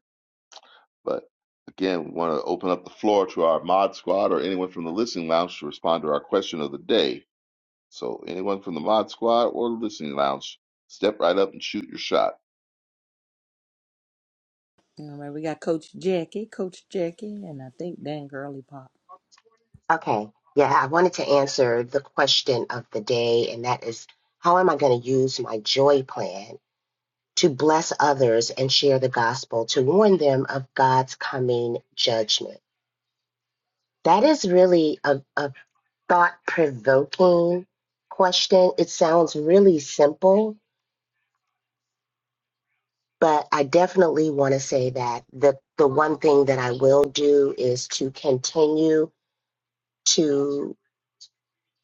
But again, want to open up the floor to our mod squad or anyone from the listening lounge to respond to our question of the day. So anyone from the mod squad or listening lounge, step right up and shoot your shot.
All right, we got Coach Jackie, Coach Jackie, and I think Dan Girly Pop.
okay. Yeah, I wanted to answer the question of the day, and that is how am I going to use my joy plan to bless others and share the gospel to warn them of God's coming judgment? That is really a, a thought provoking question. It sounds really simple, but I definitely want to say that the, the one thing that I will do is to continue. to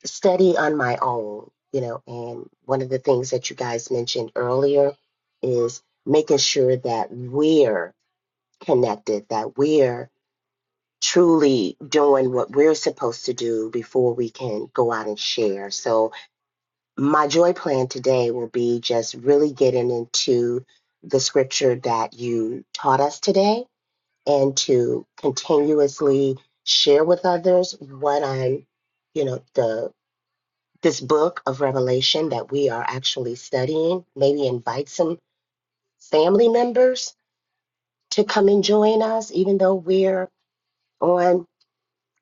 study on my own, you know, and one of the things that you guys mentioned earlier is making sure that we're connected, that we're truly doing what we're supposed to do before we can go out and share. So, my joy plan today will be just really getting into the scripture that you taught us today and to continuously share with others what I'm, you know, the this book of Revelation that we are actually studying, maybe invite some family members to come and join us, even though we're on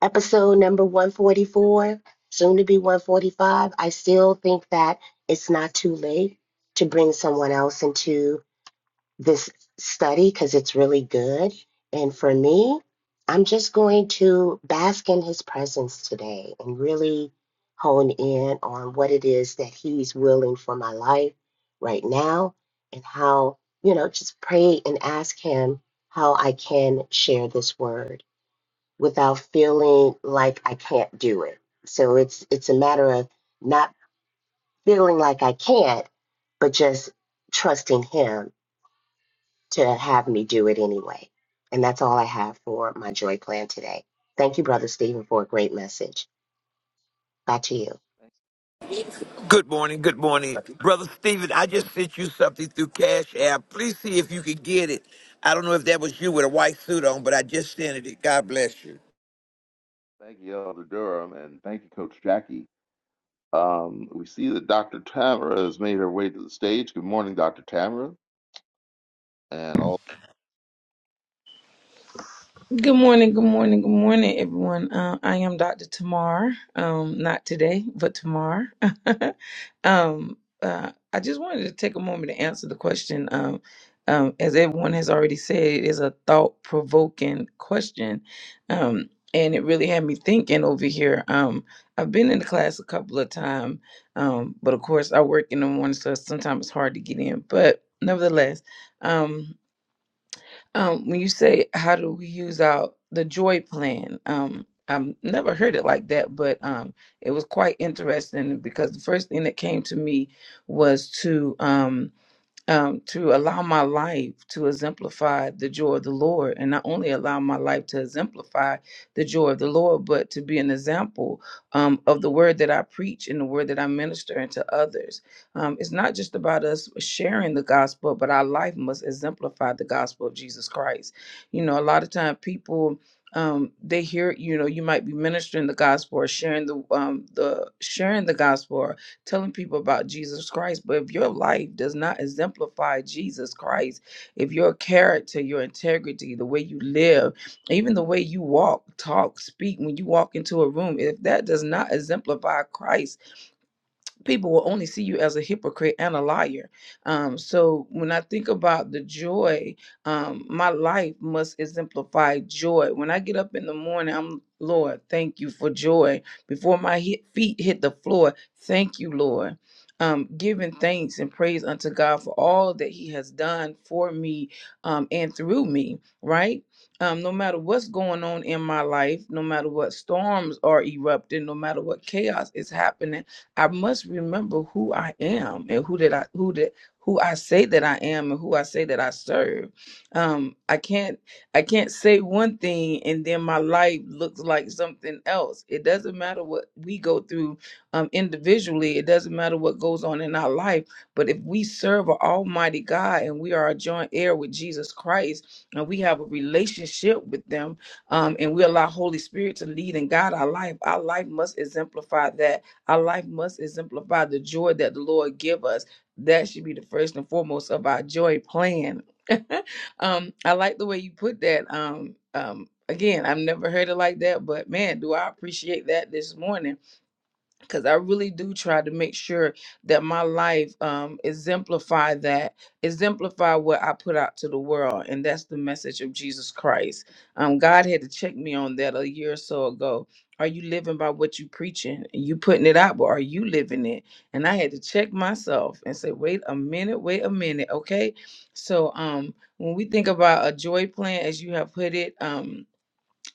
episode number 144, soon to be 145. I still think that it's not too late to bring someone else into this study because it's really good. And for me, I'm just going to bask in his presence today and really hone in on what it is that he's willing for my life right now and how, you know, just pray and ask him how I can share this word without feeling like I can't do it. So it's it's a matter of not feeling like I can't, but just trusting him to have me do it anyway. And that's all I have for my joy plan today. Thank you, Brother Stephen, for a great message. Back to you.
Good morning, good morning.
Jackie.
Brother Stephen, I just sent you something through Cash App. Please see if you can get it. I don't know if that was you with a white suit on, but I just sent it. God bless you.
Thank you, Elder Durham, and thank you, Coach Jackie. Um, we see that Dr. Tamara has made her way to the stage. Good morning, Dr. Tamara, and all.
Good morning, good morning, good morning, everyone. Uh, I am Dr. Tamar. Um, not today, but tomorrow. *laughs* um, uh, I just wanted to take a moment to answer the question. Um, um, as everyone has already said, it is a thought provoking question. Um, and it really had me thinking over here. Um, I've been in the class a couple of times, um, but of course, I work in the morning, so sometimes it's hard to get in. But nevertheless, um, um, when you say how do we use our the joy plan, um, I've never heard it like that, but um, it was quite interesting because the first thing that came to me was to um, um, to allow my life to exemplify the joy of the Lord, and not only allow my life to exemplify the joy of the Lord, but to be an example um, of the word that I preach and the word that I minister into others. Um, it's not just about us sharing the gospel, but our life must exemplify the gospel of Jesus Christ. You know, a lot of time people. Um, they hear, you know, you might be ministering the gospel or sharing the um, the sharing the gospel telling people about Jesus Christ. But if your life does not exemplify Jesus Christ, if your character, your integrity, the way you live, even the way you walk, talk, speak when you walk into a room, if that does not exemplify Christ, people will only see you as a hypocrite and a liar. Um, so when I think about the joy, um, my life must exemplify joy. When I get up in the morning, I'm Lord, thank you for joy. Before my hit, feet hit the floor, thank you, Lord. Um, giving thanks and praise unto God for all that He has done for me um, and through me, right? Um, no matter what's going on in my life, no matter what storms are erupting, no matter what chaos is happening, I must remember who I am and who did I who did who I say that I am and who I say that I serve. Um, I can't I can't say one thing and then my life looks like something else. It doesn't matter what we go through um, individually. It doesn't matter what goes on in our life. But if we serve an Almighty God and we are a joint heir with Jesus Christ and we have a relationship with them, um, and we allow Holy Spirit to lead and guide our life, our life must exemplify that our life must exemplify the joy that the Lord give us. That should be the first and foremost of our joy plan. *laughs* um, I like the way you put that. Um, um, again, I've never heard it like that, but man, do I appreciate that this morning because I really do try to make sure that my life um, exemplify that, exemplify what I put out to the world, and that's the message of Jesus Christ. Um, God had to check me on that a year or so ago. Are you living by what you preaching? You putting it out, but are you living it? And I had to check myself and say, wait a minute, wait a minute, okay. So um, when we think about a joy plan, as you have put it, um,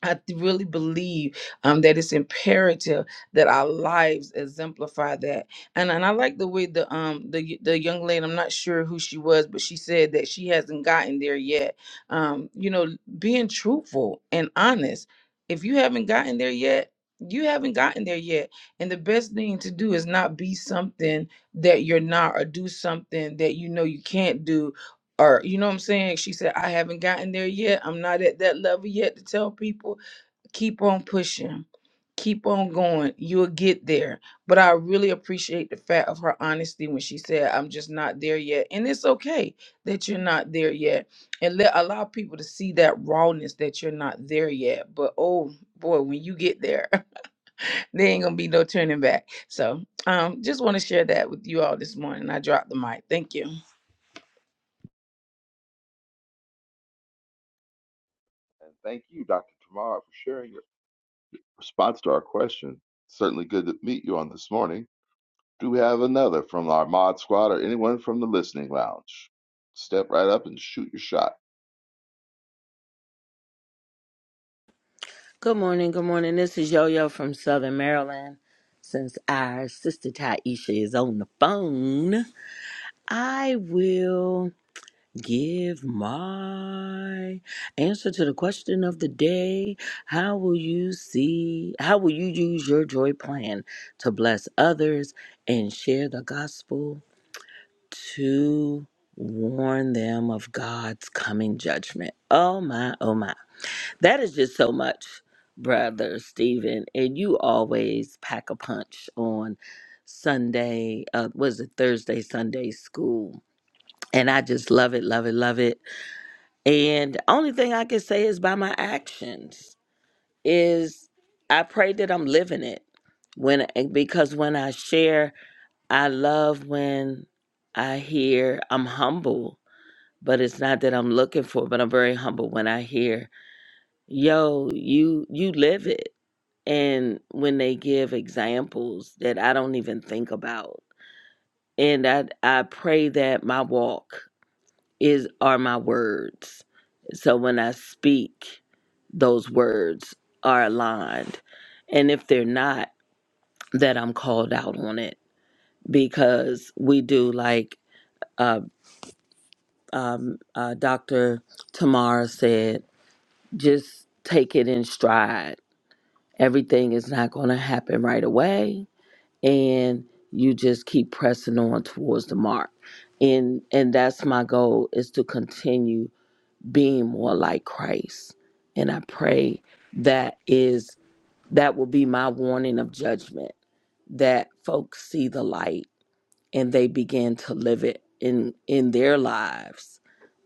I th- really believe um, that it's imperative that our lives exemplify that, and and I like the way the um the y- the young lady I'm not sure who she was, but she said that she hasn't gotten there yet. Um, you know, being truthful and honest. If you haven't gotten there yet, you haven't gotten there yet, and the best thing to do is not be something that you're not, or do something that you know you can't do, or you know what I'm saying. She said, "I haven't gotten there yet. I'm not at that level yet to tell people." keep on pushing keep on going you'll get there but i really appreciate the fact of her honesty when she said i'm just not there yet and it's okay that you're not there yet and let allow people to see that rawness that you're not there yet but oh boy when you get there *laughs* there ain't gonna be no turning back so um just want to share that with you all this morning i dropped the mic thank you
And thank you, Dr. Tamara, for sharing your response to our question. Certainly good to meet you on this morning. Do we have another from our mod squad or anyone from the listening lounge? Step right up and shoot your shot.
Good morning. Good morning. This is Yo Yo from Southern Maryland. Since our sister Taisha is on the phone, I will give my answer to the question of the day. How will you see, how will you use your joy plan to bless others and share the gospel to warn them of God's coming judgment? Oh my, oh my. That is just so much, brother Stephen. And you always pack a punch on Sunday, uh, was it Thursday, Sunday school? And I just love it, love it, love it. And the only thing I can say is by my actions is I pray that I'm living it. When eh, because when I share, I love when I hear I'm humble, but it's not that I'm looking for, but I'm very humble when I hear yo you you live it and when they give examples that I don't even think about. And I I pray that my walk is are my words. So when I speak, those words are aligned. And if they're not, that I'm called out on it because we do like uh, um, uh, Dr. Tamara said, just take it in stride. Everything is not going to happen right away and you just keep pressing on towards the mark and and that's my goal is to continue being more like christ and i pray that is that will be my warning of judgment that folks see the light and they begin to live it in in their lives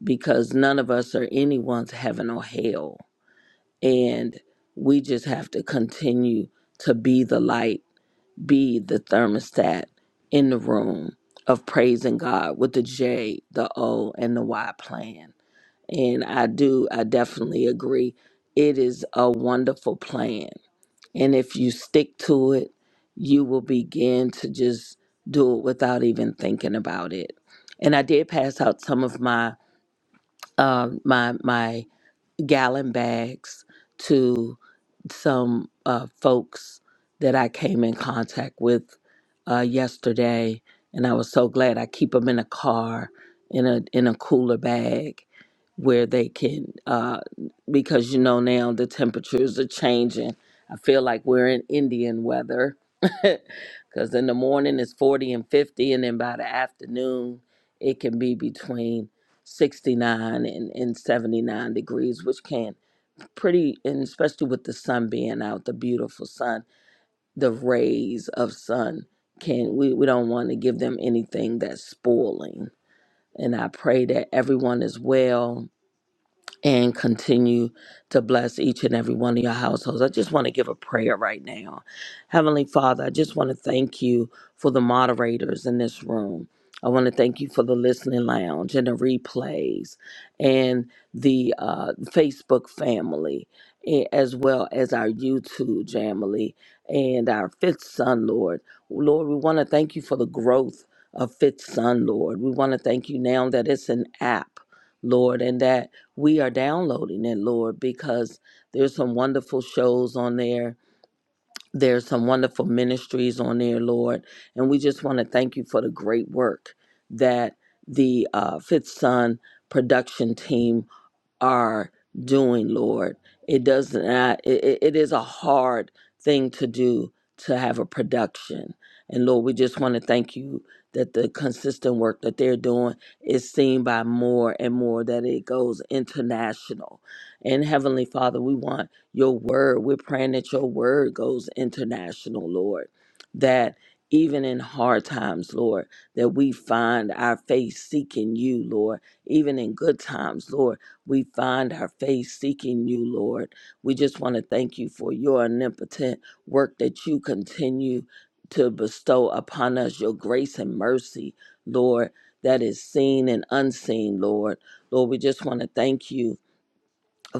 because none of us are anyone's heaven or hell and we just have to continue to be the light be the thermostat in the room of praising God with the J, the O, and the Y plan. And I do, I definitely agree. It is a wonderful plan. And if you stick to it, you will begin to just do it without even thinking about it. And I did pass out some of my um my my gallon bags to some uh, folks that I came in contact with uh, yesterday, and I was so glad. I keep them in a car in a in a cooler bag where they can uh, because you know now the temperatures are changing. I feel like we're in Indian weather *laughs* because in the morning it's 40 and 50, and then by the afternoon it can be between 69 and, and 79 degrees, which can pretty, and especially with the sun being out, the beautiful sun, the rays of sun can, we, we don't want to give them anything that's spoiling. And I pray that everyone is well, and continue to bless each and every one of your households. I just want to give a prayer right now. Heavenly Father, I just want to thank you for the moderators in this room. I want to thank you for the listening lounge and the replays and the uh, Facebook family, a- as well as our YouTube family and our fifth son, Lord. Lord, we want to thank you for the growth of fifth son, Lord. We want to thank you now that it's an app, Lord, and that we are downloading it, Lord, because there's some wonderful shows on there. There's some wonderful ministries on there, Lord. And we just want to thank you for the great work that the uh, Fifth Son production team are doing, Lord. It does not, it, it it is a hard thing to do to have a production. And Lord, we just want to thank you that the consistent work that they're doing is seen by more and more, that it goes international. And Heavenly Father, we want your word. We're praying that your word goes international, Lord. That even in hard times, Lord, that we find our faith seeking you, Lord. Even in good times, Lord we find our faith seeking you, Lord. We just want to thank you for your omnipotent work that you continue to bestow upon us, your grace and mercy, Lord, that is seen and unseen, Lord. Lord, we just want to thank you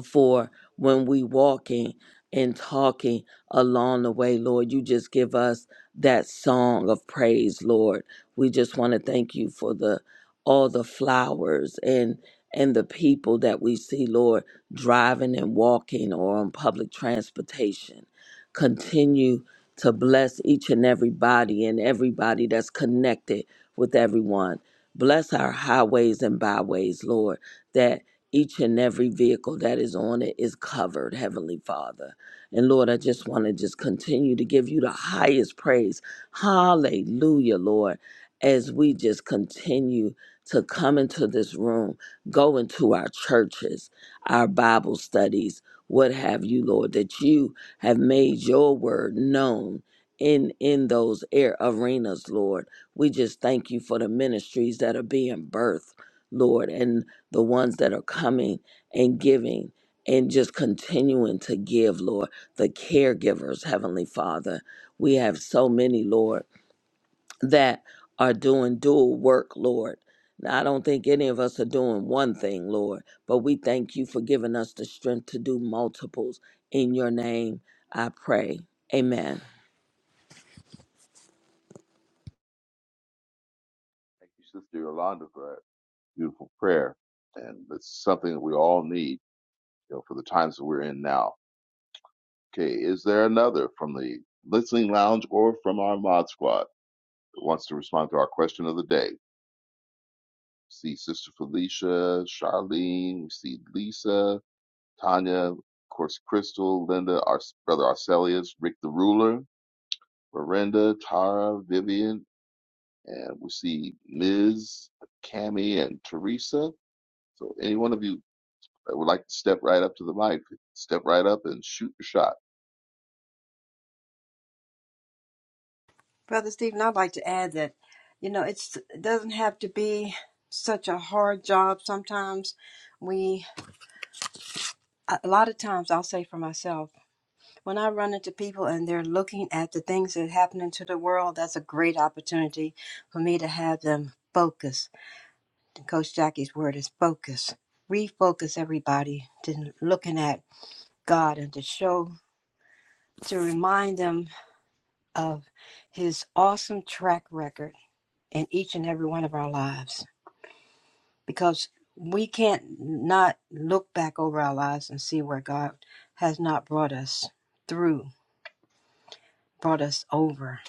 for when we walking and talking along the way, Lord. You just give us that song of praise, Lord. We just want to thank you for the all the flowers and and the people that we see, Lord, driving and walking or on public transportation. Continue to bless each and every body and everybody that's connected with everyone. Bless our highways and byways, Lord, that each and every vehicle that is on it is covered, Heavenly Father. And Lord, I just want to just continue to give you the highest praise. Hallelujah, Lord, as we just continue to come into this room, go into our churches, our Bible studies, what have you, Lord, that you have made your word known in in those air arenas, Lord. We just thank you for the ministries that are being birthed, Lord. And the ones that are coming and giving and just continuing to give, Lord, the caregivers, Heavenly Father. We have so many, Lord, that are doing dual work, Lord. Now, I don't think any of us are doing one thing, Lord, but we thank you for giving us the strength to do multiples. In your name, I pray. Amen.
Thank you, Sister Yolanda, for that beautiful prayer. And it's something that we all need you know, for the times that we're in now. Okay, is there another from the listening lounge or from our mod squad that wants to respond to our question of the day? We see Sister Felicia, Charlene, we see Lisa, Tanya, of course, Crystal, Linda, our brother Arcelius, Rick the Ruler, Miranda, Tara, Vivian, and we see Ms. Cami and Teresa. So any one of you that would like to step right up to the mic, step right up and shoot your shot.
Brother Stephen, I'd like to add that, you know, it's, it doesn't have to be such a hard job. Sometimes we, a a lot of times, I'll say for myself, when I run into people and they're looking at the things that happen into the world, that's a great opportunity for me to have them focus. Coach Jackie's word is focus. Refocus everybody to looking at God and to show, to remind them of his awesome track record in each and every one of our lives because we can't not look back over our lives and see where God has not brought us through, brought us over,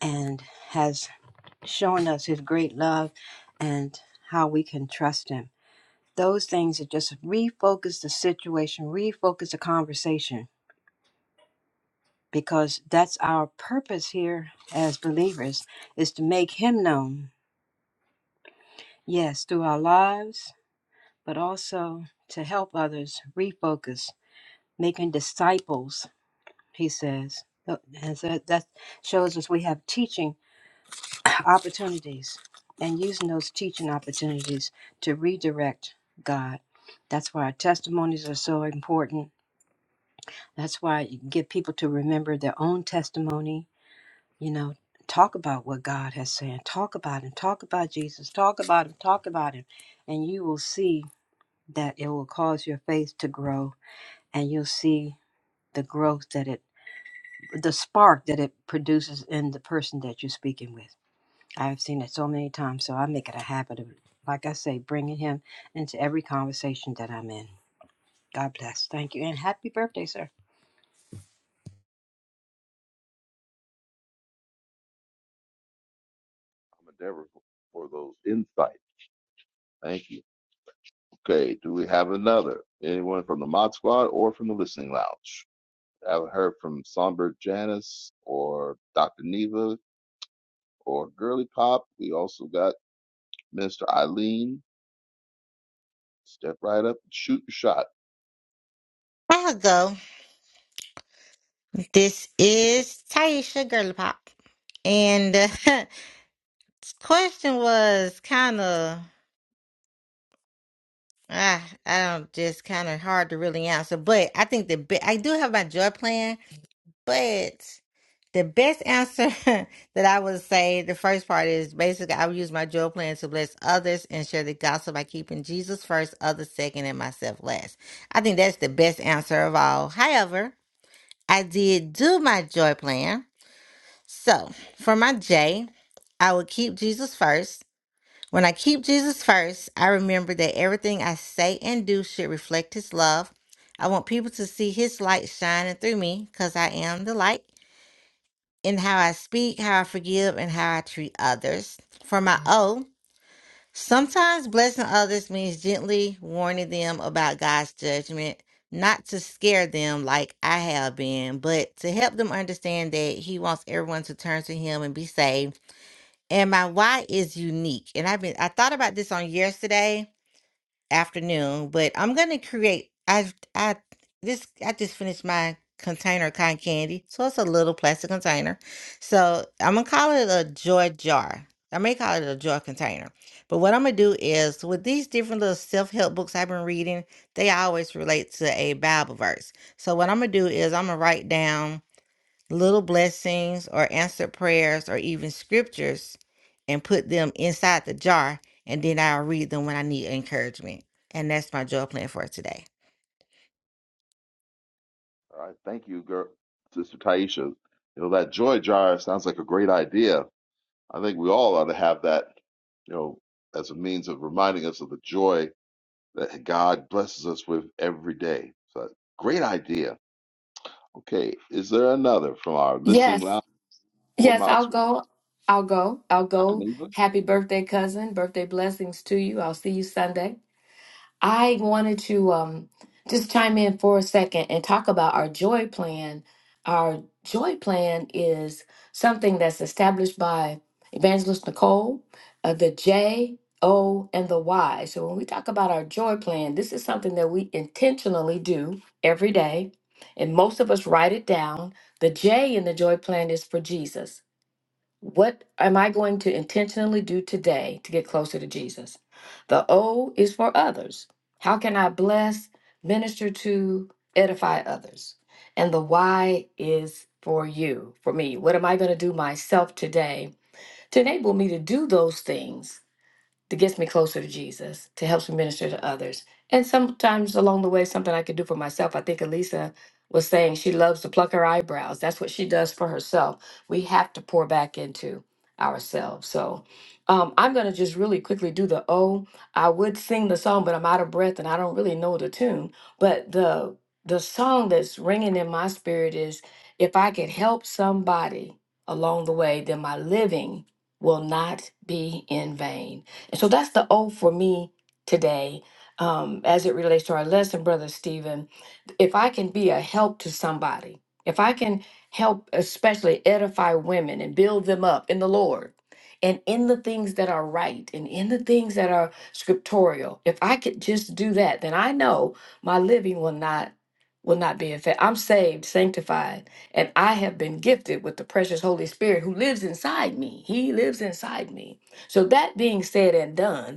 and has shown us his great love and how we can trust him. Those things that just refocus the situation, refocus the conversation, because that's our purpose here as believers is to make him known, yes, through our lives but also to help others refocus, making disciples, he says. And so that shows us we have teaching opportunities and using those teaching opportunities to redirect God. That's why our testimonies are so important. That's why you get people to remember their own testimony, you know. Talk about what God has said. Talk about Him. Talk about Jesus. Talk about Him. Talk about Him. And you will see that it will cause your faith to grow and you'll see the growth that it the spark that it produces in the person that you're speaking with i've seen it so many times so i make it a habit of like i say bringing him into every conversation that i'm in god bless thank you and happy birthday sir
I'm endeavoring for those insights. Thank you. Okay, do we have another? Anyone from the Mod Squad or from the Listening Lounge? I haven't heard from Songbird Janice or Dr. Neva or Girly Pop. We also got Mr. Eileen. Step right up and shoot your shot.
I'll go. This is Taisha Girly Pop. And uh, *laughs* this question was kind of, ah, I don't, just kind of hard to really answer. But I think the be- I do have my joy plan, but the best answer *laughs* that I would say, the first part is basically I would use my joy plan to bless others and share the gospel by keeping Jesus first, others second, and myself last. I think that's the best answer of all. However, I did do my joy plan. So for my J, I would keep Jesus first. When I keep Jesus first, I remember that everything I say and do should reflect his love. I want people to see his light shining through me because I am the light in how I speak, how I forgive, and how I treat others. For my O, Sometimes blessing others means gently warning them about God's judgment, not to scare them like I have been, but to help them understand that He wants everyone to turn to Him and be saved. And my why is unique. And I've been I thought about this on yesterday afternoon, but I'm gonna create. I I this I just finished my container of cotton candy, so it's a little plastic container. So I'm gonna call it a joy jar. I may call it a joy container, but what I'm gonna do is with these different little self help books I've been reading, they always relate to a Bible verse. So what I'm gonna do is I'm gonna write down little blessings or answered prayers or even scriptures and put them inside the jar and then I'll read them when I need encouragement. And that's my joy plan for today.
All right, thank you, girl, Sister Taisha. You know that joy jar sounds like a great idea. I think we all ought to have that, you know, as a means of reminding us of the joy that God blesses us with every day. So, great idea. Okay, is there another from our listening
Yes,
lounge or
yes,
mod
I'll go. I'll go.
squad?
I'll
Dr.
go.
Neva?
Happy birthday, cousin. Birthday blessings to you. I'll see you Sunday. I wanted to um, just chime in for a second and talk about our joy plan. Our joy plan is something that's established by Evangelist Nicole, uh, the J, O, and the Y. So when we talk about our joy plan, this is something that we intentionally do every day. And most of us write it down. The J in the joy plan is for Jesus. What am I going to intentionally do today to get closer to Jesus? The O is for others. How can I bless, minister to, edify others? And the Y is for you, for me. What am I going to do myself today to enable me to do those things that gets me closer to Jesus, to helps me minister to others. And sometimes along the way, something I could do for myself. I think Elisa was saying she loves to pluck her eyebrows. That's what she does for herself. We have to pour back into ourselves. So um, I'm going to just really quickly do the O. I would sing the song, but I'm out of breath and I don't really know the tune. But the the song that's ringing in my spirit is if I could help somebody along the way, then my living will not be in vain. And so that's the O for me today um, as it relates to our lesson, Brother Stephen if I can be a help to somebody, if I can help, especially edify women and build them up in the Lord and in the things that are right and in the things that are scriptorial, if I could just do that, then I know my living will not will not be affected. I'm saved, sanctified, and I have been gifted with the precious Holy Spirit who lives inside me. He lives inside me. So that being said and done,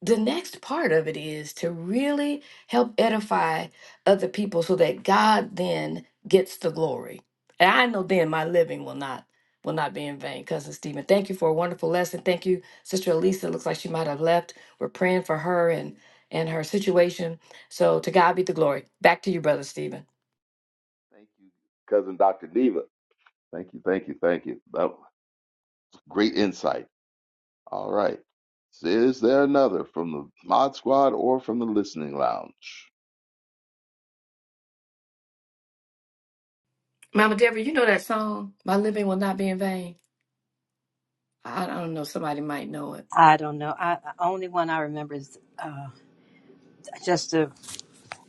the next part of it is to really help edify other people so that God then gets the glory. And I know then my living will not will not be in vain. Cousin Stephen, thank you for a wonderful lesson. Thank you, Sister Elisa. Looks like she might have left. We're praying for her and and her situation. So to God be the glory. Back to you, Brother Stephen.
Thank you, cousin Dr. Neva. Thank you, thank you, thank you. That was great insight. All right. Is there another from the mod squad or from the listening lounge?
Mama Deborah, you know that song, My Living Will Not Be in Vain? I I don't know, somebody might know it.
i don't know i the only one i remember is uh just the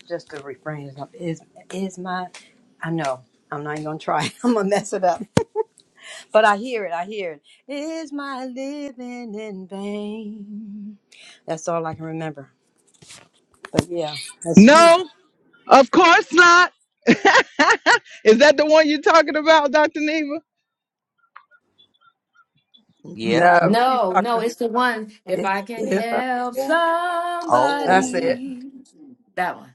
just the refrain is is, is my i know i'm not even gonna try *laughs* i'm gonna mess it up But I hear it. I hear it. Is my living in vain? That's all I can remember. But yeah,
*laughs*
that's true.
no, of course not. *laughs* Is that the one you're talking about, Dr. Neva?
Yep.
No, she's
No,
talking.
no,
about
it's the one. If
If,
I can
if I,
help
yeah, that's
Oh.
it.
somebody, that one.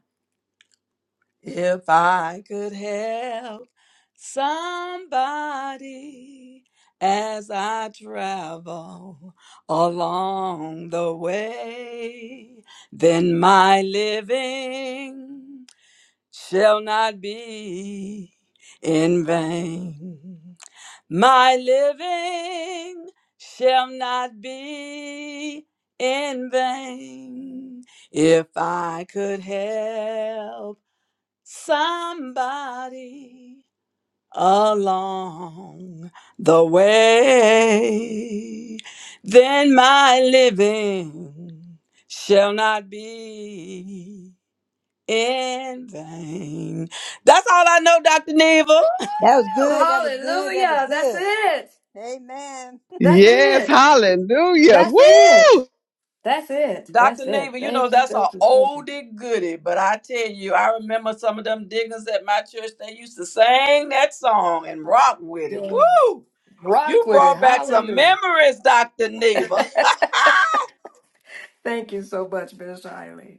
If I could help somebody as I travel along the way, then my living shall not be in vain. My living shall not be in vain. If I could help somebody along the way, then my living shall not be in vain. That's all I know, Dr. Neva.
Woo!
That was good. That was good. That was
Hallelujah! That's
good.
it.
Amen.
That's
Yes,
it.
hallelujah.
That's it.
Woo!
That's it.
Dr.
That's it.
Neva, you know,
Thank you.
that's an
Thank you. Thank you.
oldie goodie, but I tell you, I remember some of them diggers at my church, they used to sing that song and rock with it.
Yes.
Woo!
Rock
You
with it.
brought back some
Hallelujah.
memories, Dr. Neva.
Thank you so much, Minister Eileen.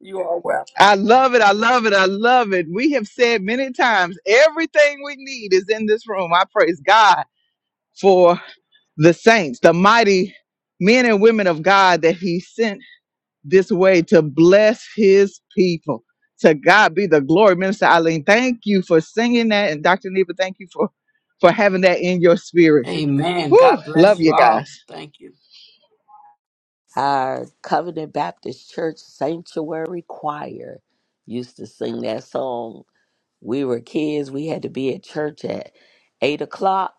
You are welcome.
I love it. I love it. I love it. We have said many times everything we need is in this room. I praise God for the saints, the mighty men and women of God that He sent this way to bless his people. To God be the glory. Minister Eileen, thank you for singing that. And Dr. Neva, thank you for, for having that in your spirit.
Amen.
Woo,
God
love
bless you
you guys.
all. Thank you.
Our Covenant Baptist Church Sanctuary Choir used to sing that song We were kids. We had to be at church at eight o'clock,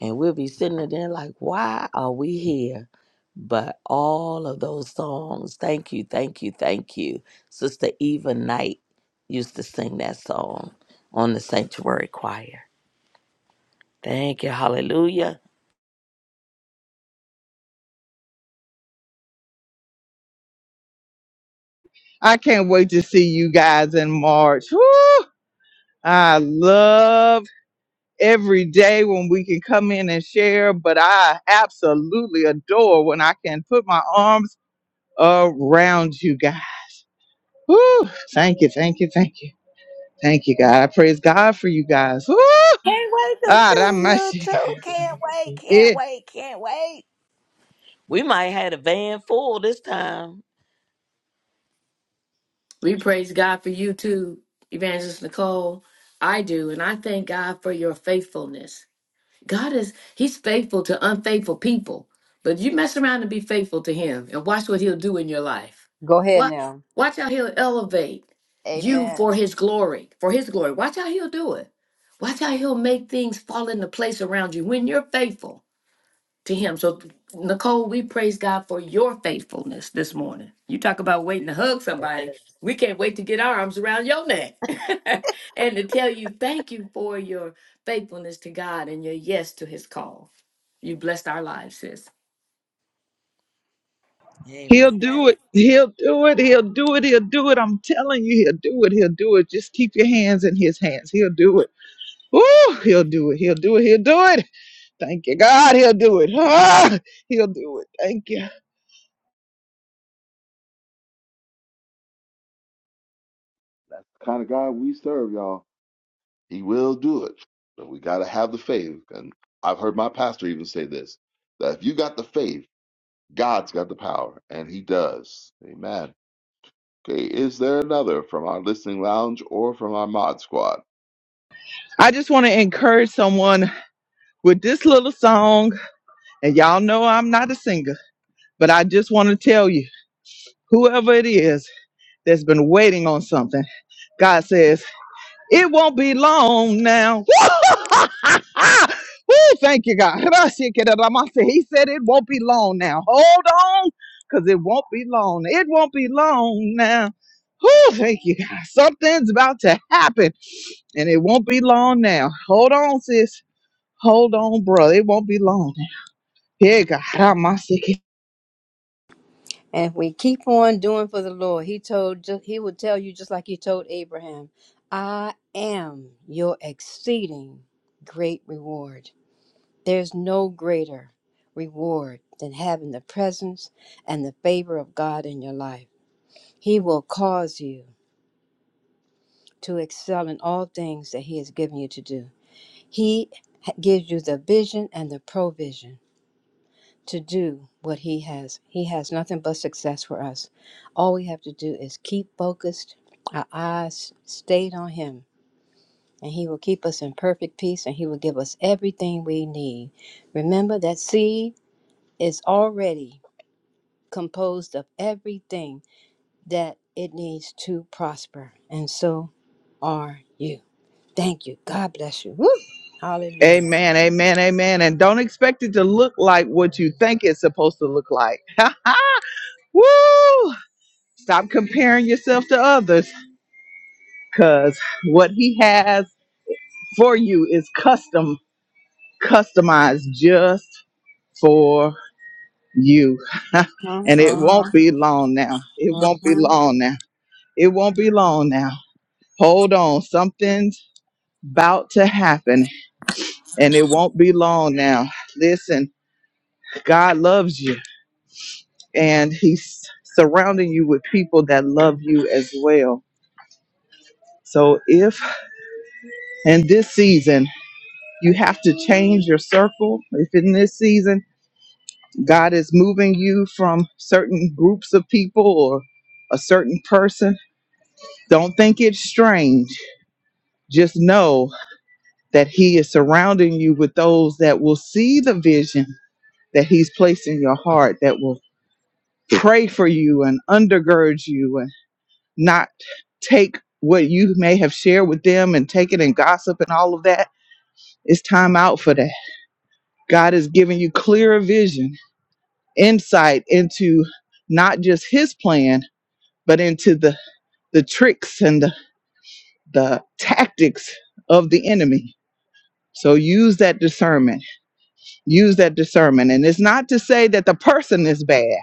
and we'll be sitting there like, why are we here? But all of those songs, thank you, thank you, thank you. Sister Eva Knight used to sing that song on the Sanctuary Choir. Thank you, hallelujah.
I can't wait to see you guys in March. Woo, I love every day when we can come in and share, but I absolutely adore when I can put my arms around you guys. Woo, thank you, thank you, thank you. Thank you, God. I praise God for you guys. Woo!
Can't wait to
Ah,
see
that
you
mercy.
too. Can't wait, can't
Yeah,
wait, can't wait. We might have had a van full this time.
We praise God for you too, Evangelist Nicole. I do, and I thank God for your faithfulness. God is He's faithful to unfaithful people, but you mess around and be faithful to Him, and watch what He'll do in your life.
Go ahead
Watch,
now.
watch how He'll elevate you
Amen.
for His glory, for His glory. Watch how He'll do it. Watch how He'll make things fall into place around you when you're faithful to him. So, Nicole, we praise God for your faithfulness this morning. You talk about waiting to hug somebody.
Yes.
We can't wait to get our arms around your neck *laughs* and to tell you thank you for your faithfulness to God and your yes to his call. You blessed our lives, sis.
he'll
Amen.
do it. He'll do it. He'll do it. He'll do it. I'm telling you, he'll do it. He'll do it. Just keep your hands in his hands. He'll do it. Woo! He'll do it. He'll do it. He'll do it. Thank you, God. He'll do it. Ah, he'll do it. Thank you.
That's the kind of God we serve, y'all. He will do it. But we got to have the faith. And I've heard my pastor even say this that if you got the faith, God's got the power, and He does. Amen. Okay, is there another from our listening lounge or from our mod squad?
I just want to encourage someone with this little song. And y'all know I'm not a singer, but I just want to tell you, whoever it is that's been waiting on something. God says, It won't be long now. *laughs* Woo, thank you, God. *laughs* He said it won't be long now. Hold on, because it won't be long. It won't be long now. Woo, thank you, God. Something's about to happen, and it won't be long now. Hold on, sis. Hold on, brother. It won't be long now. Yeah, God. Ramasiki.
And if we keep on doing for the Lord, He told ju- He would tell you just like He told Abraham, I am your exceeding great reward. There's no greater reward than having the presence and the favor of God in your life. He will cause you to excel in all things that He has given you to do. He ha- gives you the vision and the provision to do what He has. He has nothing but success for us. All we have to do is keep focused, our eyes stayed on Him, and He will keep us in perfect peace and He will give us everything we need. Remember that seed is already composed of everything that it needs to prosper, and so are you. Thank you. God bless you. Woo! Hallelujah.
Amen, amen, amen. And don't expect it to look like what you think it's supposed to look like. *laughs* Woo! Stop comparing yourself to others because what he has for you is custom, customized just for you. *laughs*
Uh-huh,
and it won't
uh-huh,
be long now. It won't be
uh-huh.
long now. It won't be long now. Hold on. Something's about to happen and it won't be long now. Listen, God loves you and he's surrounding you with people that love you as well. So if in this season, You have to change your circle. If in this season God is moving you from certain groups of people or a certain person, don't think it's strange. Just know that He is surrounding you with those that will see the vision that He's placed in your heart, that will pray for you and undergird you and not take what you may have shared with them and take it and gossip and all of that. It's time out for that. God has given you clearer vision insight into not just his plan, but into the, the tricks and the, the tactics of the enemy. So use that discernment. Use that discernment. And it's not to say that the person is bad,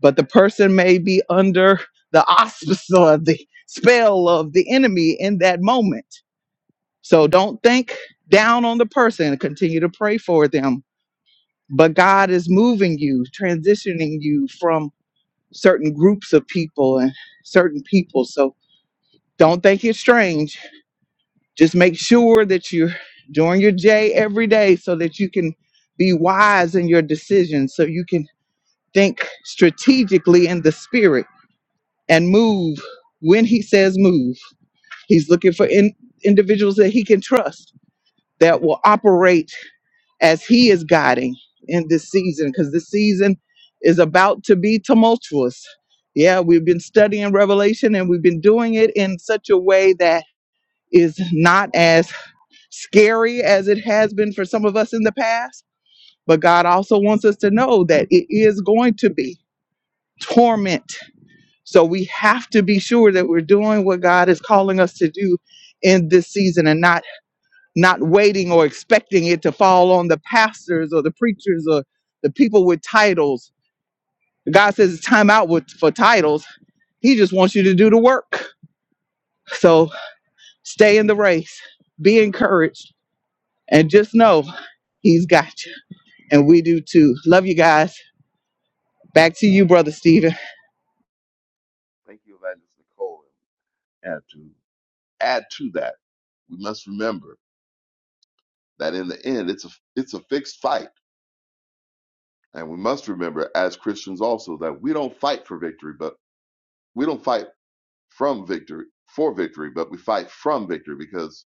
but the person may be under the auspice or the spell of the enemy in that moment. So don't think down on the person and continue to pray for them. But God is moving you, transitioning you from certain groups of people and certain people. So don't think it's strange. Just make sure that you're doing your J every day so that you can be wise in your decisions, so you can think strategically in the spirit and move when he says move. He's looking for in, individuals that he can trust that will operate as He is guiding in this season, because this season is about to be tumultuous. Yeah, we've been studying Revelation and we've been doing it in such a way that is not as scary as it has been for some of us in the past. But God also wants us to know that it is going to be torment. So we have to be sure that we're doing what God is calling us to do in this season and not not waiting or expecting it to fall on the pastors or the preachers or the people with titles. God says it's time out with, for titles. He just wants you to do the work. So stay in the race, be encouraged, and just know He's got you. And we do too. Love you guys. Back to you, Brother Stephen.
Thank you, Evangelist Nicole. And to add to that, we must remember that in the end, it's a it's a fixed fight, and we must remember as Christians also that we don't fight for victory, but we don't fight from victory for victory, but we fight from victory because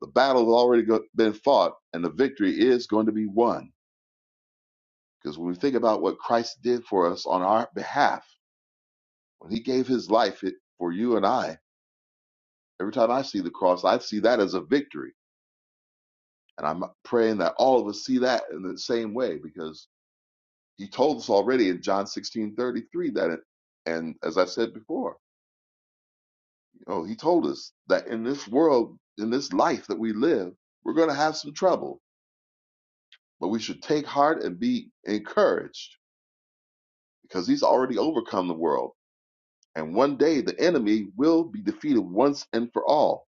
the battle has already go- been fought and the victory is going to be won. Because when we think about what Christ did for us on our behalf, when he gave his life it, for you and I, every time I see the cross, I see that as a victory. And I'm praying that all of us see that in the same way because he told us already in John 16:33 that it, and as I said before, you know, he told us that in this world, in this life that we live, we're going to have some trouble But we should take heart and be encouraged because he's already overcome the world. And one day the enemy will be defeated once and for all.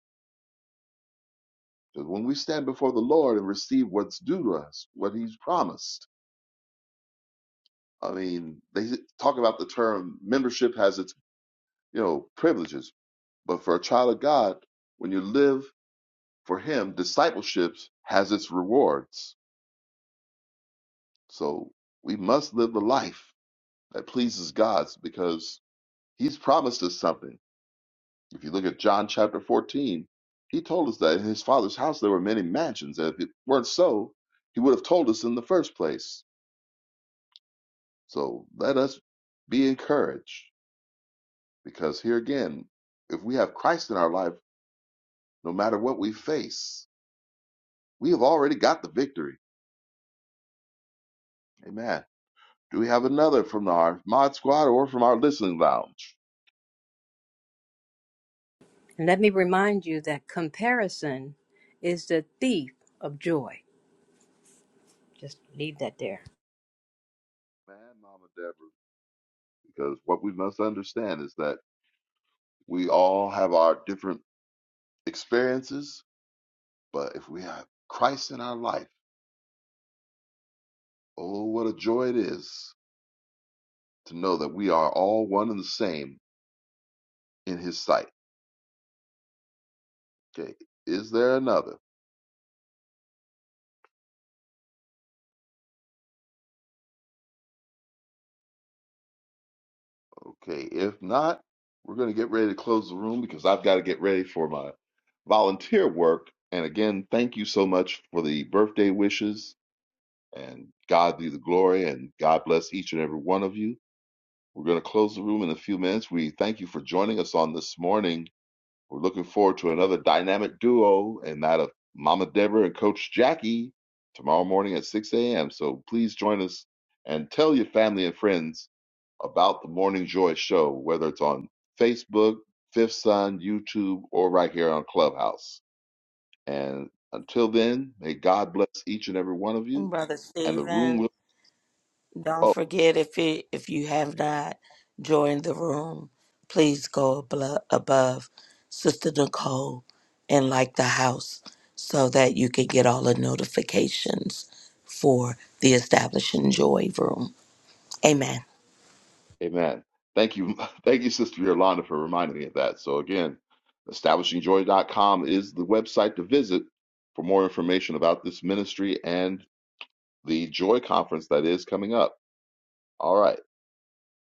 Because when we stand before the Lord and receive what's due to us, what he's promised, I mean, they talk about the term membership has its, you know, privileges. But for a child of God, when you live for him, discipleship has its rewards. So we must live the life that pleases God because he's promised us something If you look at John chapter 14, he told us that in his father's house there were many mansions. And if it weren't so, he would have told us in the first place. So let us be encouraged because here again, if we have Christ in our life, no matter what we face, we have already got the victory. Amen. Do we have another from our mod squad or from our listening lounge?
Let me remind you that comparison is the thief of joy. Just leave that there.
Man, Mama Deborah. Because what we must understand is that we all have our different experiences But if we have Christ in our life, oh, what a joy it is to know that we are all one and the same in His sight. Okay, is there another? Okay, if not, we're going to get ready to close the room because I've got to get ready for my volunteer work. And again, thank you so much for the birthday wishes and God be the glory and God bless each and every one of you. We're going to close the room in a few minutes. We thank you for joining us on this morning We're looking forward to another dynamic duo and that of Mama Deborah and Coach Jackie tomorrow morning at 6 a.m. So please join us and tell your family and friends about the Morning Joy Show, whether it's on Facebook, Fifth Sun, YouTube, or right here on Clubhouse. And until then, may God bless each and every one of
And
you,
Brother
and the
Stephen.
room will
Don't
close.
forget if it, if you have not joined the room, please go ablo- above Sister Nicole and like the house so that you can get all the notifications for the Establishing Joy room. Amen.
Amen. Thank you. *laughs* Thank you, Sister Yolanda, for reminding me of that. So, again, establishingjoy.com is the website to visit for more information about this ministry and the Joy Conference that is coming up. All right.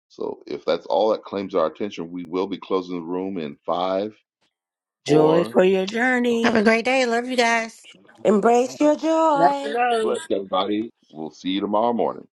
So, if that's all that claims our attention, we will be closing the room in five,
Joy
four,
for your
Have
journey.
a great day. Love you guys.
two, one.
Embrace your
Let it
joy.
go.
Bless everybody. We'll see you tomorrow morning.